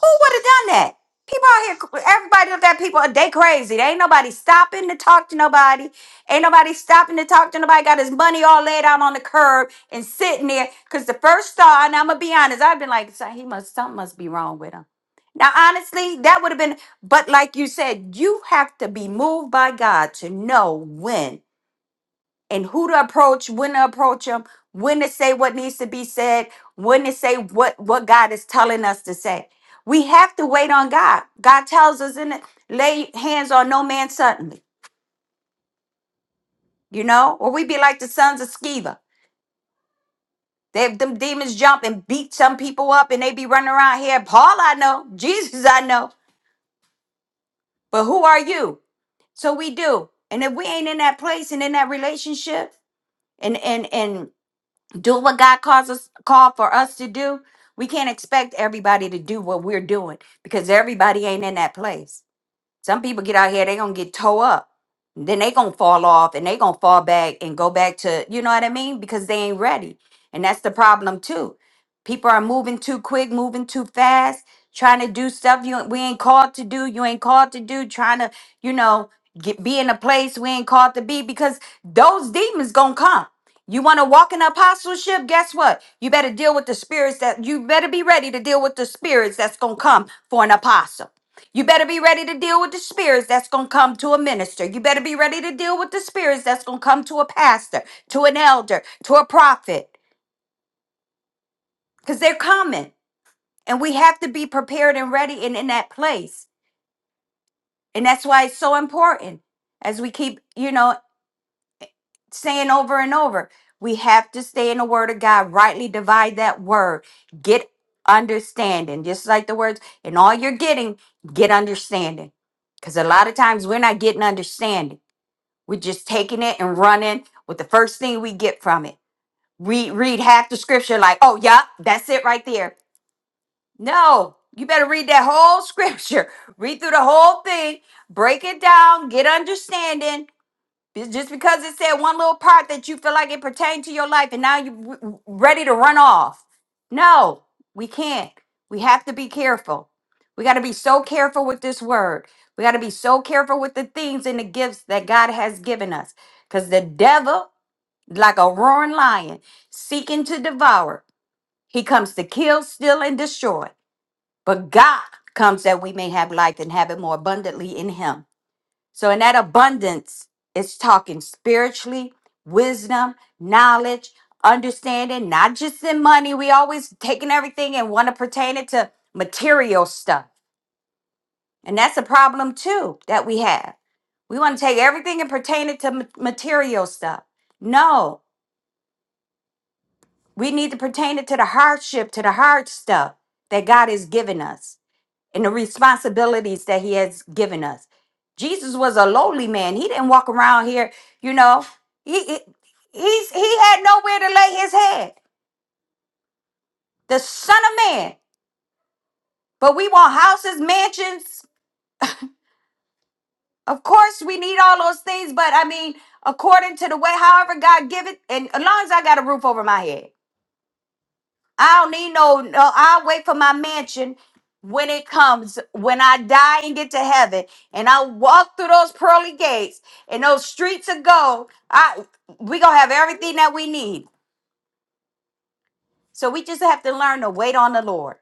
S3: who would have done that? People out here, everybody look at people, they crazy. They ain't nobody stopping to talk to nobody. Ain't nobody stopping to talk to nobody. Got his money all laid out on the curb and sitting there. Cause the first thought, and I'm gonna be honest, I've been like, "So he must, something must be wrong with him. Now, honestly, that would have been, but like you said, you have to be moved by God to know when and who to approach, when to approach them, when to say what needs to be said, when to say what what God is telling us to say. We have to wait on God. God tells us in it, lay hands on no man suddenly, you know, or we be like the sons of Sceva. They them demons jump and beat some people up and they be running around here. Paul I know, Jesus I know, but who are you? So we do. And if we ain't in that place and in that relationship and and and do what God calls us call for us to do. We can't expect everybody to do what we're doing because everybody ain't in that place. Some people get out here, they gonna get toe up. Then they gonna fall off and they gonna fall back and go back to, you know what I mean? Because they ain't ready. And that's the problem too. People are moving too quick, moving too fast, trying to do stuff you we ain't called to do, you ain't called to do, trying to, you know, get be in a place we ain't called to be because those demons gonna come. You want to walk in apostleship? Guess what? You better deal with the spirits that you better be ready to deal with the spirits that's gonna come for an apostle. You better be ready to deal with the spirits that's going to come to a minister. You better be ready to deal with the spirits that's going to come to a pastor, to an elder, to a prophet, because they're coming. And we have to be prepared and ready and in that place. And that's why it's so important, as we keep, you know, saying over and over, we have to stay in the word of God, rightly divide that word, get understanding. Just like the words, and all you're getting, get understanding. Because a lot of times we're not getting understanding We're just taking it and running with the first thing we get from it. Read read half the scripture like, "Oh, yeah, that's it right there." No, you better read that whole scripture. Read through the whole thing, break it down, get understanding, be- Just because it said one little part that you feel like it pertained to your life and now you're ready to run off. No, we can't. We have to be careful. We got to be so careful with this word. We got to be so careful with the things and the gifts that God has given us because the devil, like a roaring lion, seeking to devour, he comes to kill, steal, and destroy. But God comes that we may have life and have it more abundantly in him. So, in that abundance, it's talking spiritually, wisdom, knowledge, understanding, not just in money. We always taking everything and want to pertain it to material stuff. And that's a problem too that we have. We want to take everything and pertain it to ma- material stuff. No, we need to pertain it to the hardship, to the hard stuff that God has given us. and the responsibilities that he has given us. Jesus was a lowly man. He didn't walk around here, you know. He he- he's he had nowhere to lay his head. The son of man. But we want houses, mansions. Of course, we need all those things, but I mean, according to the way, however God give it, and as long as I got a roof over my head. I don't need no, no, I'll wait for my mansion when it comes, when I die and get to heaven, and I walk through those pearly gates and those streets of gold, I we gonna have everything that we need. So we just have to learn to wait on the Lord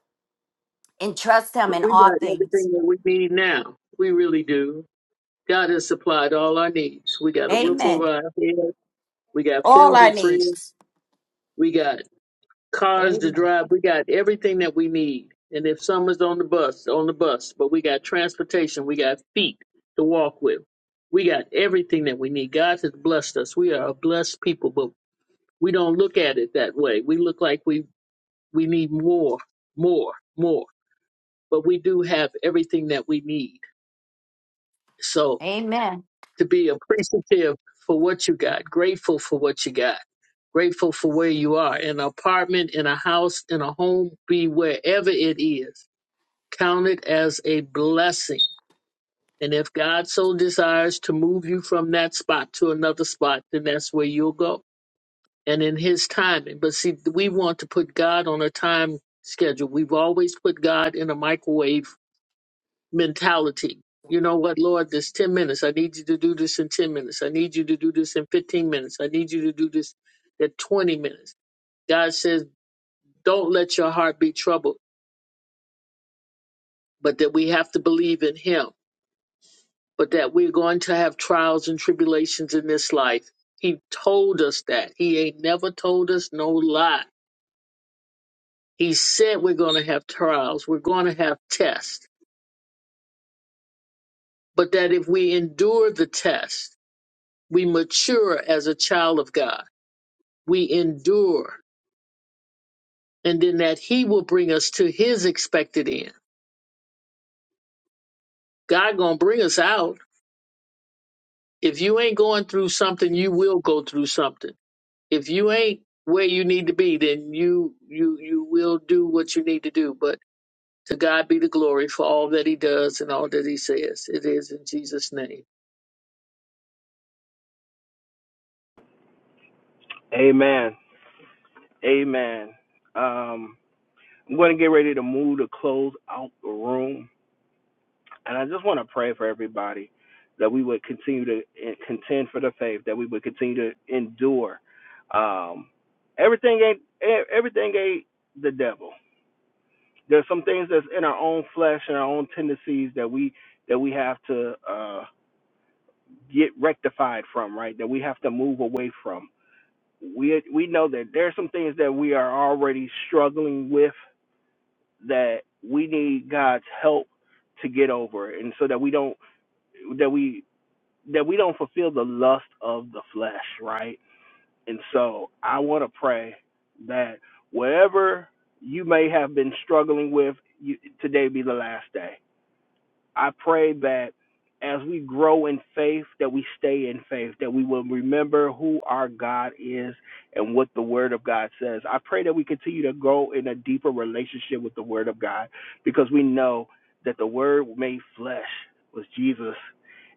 S3: and trust him in
S6: we
S3: all
S6: got
S3: things.
S6: everything that we need now. We really do. God has supplied all our needs. We got a roof over
S3: Amen.
S6: our head. We got
S3: All
S6: food in
S3: our
S6: the fridge.
S3: needs.
S6: We got cars to
S3: Amen.
S6: drive. We got everything that we need. And if someone's on the bus, on the bus, but we got transportation. We got feet to walk with. We got everything that we need. God has blessed us. We are a blessed people, but we don't look at it that way. We look like we We need more, more, more. But we do have everything that we need. So
S3: Amen.
S6: to be appreciative for what you got, grateful for what you got, grateful for where you are in an apartment, in a house, in a home, be wherever it is. Count it as a blessing. And if God so desires to move you from that spot to another spot, then that's where you'll go. And in His timing. But see, we want to put God on a time schedule. We've always put God in a microwave mentality. You know what, Lord, this 10 minutes. I need you to do this in 10 minutes. I need you to do this in 15 minutes. I need you to do this at 20 minutes. God says, don't let your heart be troubled, but that we have to believe in Him, but that we're going to have trials and tribulations in this life. He told us that. He ain't never told us no lie. He said we're going to have trials, we're going to have tests, but that if we endure the test, we mature as a child of God we endure and then that he will bring us to his expected end god gonna bring us out if you ain't going through something you will go through something if you ain't where you need to be then you you you will do what you need to do but to god be the glory for all that he does and all that he says it is in jesus name
S1: Amen. Amen. Um, I'm going to get ready to move to close out the room. And I just want to pray for everybody that we would continue to eh, contend for the faith, that we would continue to endure. Um, everything ain't, eh, everything ain't the devil There's some things that's in our own flesh and our own tendencies that we that we have to uh, get rectified from, right? That we have to move away from. We we know that there's some things that we are already struggling with that we need God's help to get over, and so that we don't that we that we don't fulfill the lust of the flesh, right? And so I want to pray that whatever you may have been struggling with, you, today be the last day I pray that as we grow in faith, that we stay in faith, that we will remember who our God is and what the Word of God says. I pray that we continue to grow in a deeper relationship with the Word of God because we know that the Word made flesh was Jesus.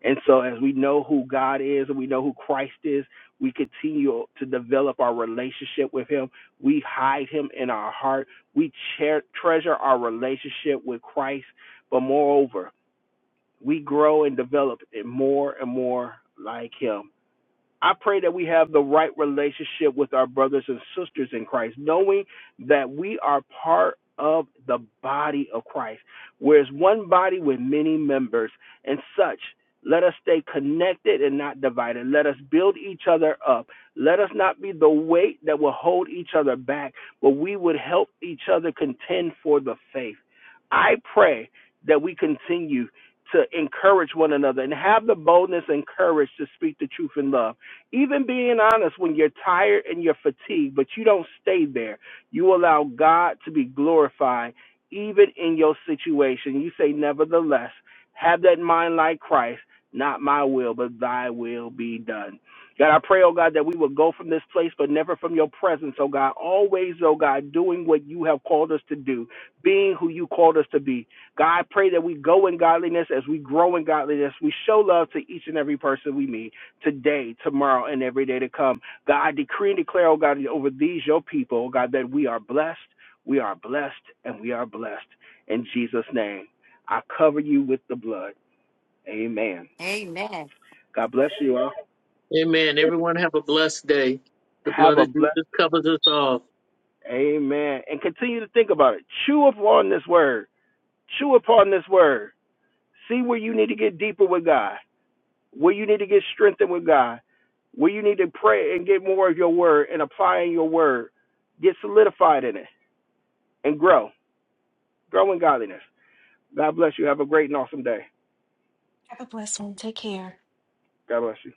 S1: And so, as we know who God is and we know who Christ is, we continue to develop our relationship with Him. We hide Him in our heart. We cher- treasure our relationship with Christ. But moreover, we grow and develop it more and more like him. I pray that we have the right relationship with our brothers and sisters in Christ, knowing that we are part of the body of Christ. Whereas one body with many members and such, let us stay connected and not divided. Let us build each other up. Let us not be the weight that will hold each other back, but we would help each other contend for the faith. I pray that we continue to encourage one another and have the boldness and courage to speak the truth in love even being honest, when you're tired and you're fatigued, but you don't stay there, you allow God to be glorified even in your situation. You say, Nevertheless, have that mind like Christ, not my will, but thy will be done. God, I pray, oh God, that we will go from this place, but never from your presence, oh God. Always, oh God, doing what you have called us to do, being who you called us to be. God, I pray that we go in godliness as we grow in godliness. We show love to each and every person we meet today, tomorrow, and every day to come. God, I decree and declare, oh God, over these your people, oh God, that we are blessed, we are blessed, and we are blessed. In Jesus' name, I cover you with the blood. Amen.
S3: Amen.
S1: God bless you all.
S6: amen everyone have a blessed day the
S1: Have
S6: blood
S1: a
S6: of
S1: blessed
S6: jesus covers us all
S1: Amen. And continue to think about it. Chew upon this word. Chew upon this word. See where you need to get deeper with God, where you need to get strengthened with God, where you need to pray and get more of your word and applying your word. Get solidified in it and grow. Grow in godliness. God bless you. Have a great and awesome day.
S5: Have a blessed one. Take care.
S1: God bless you.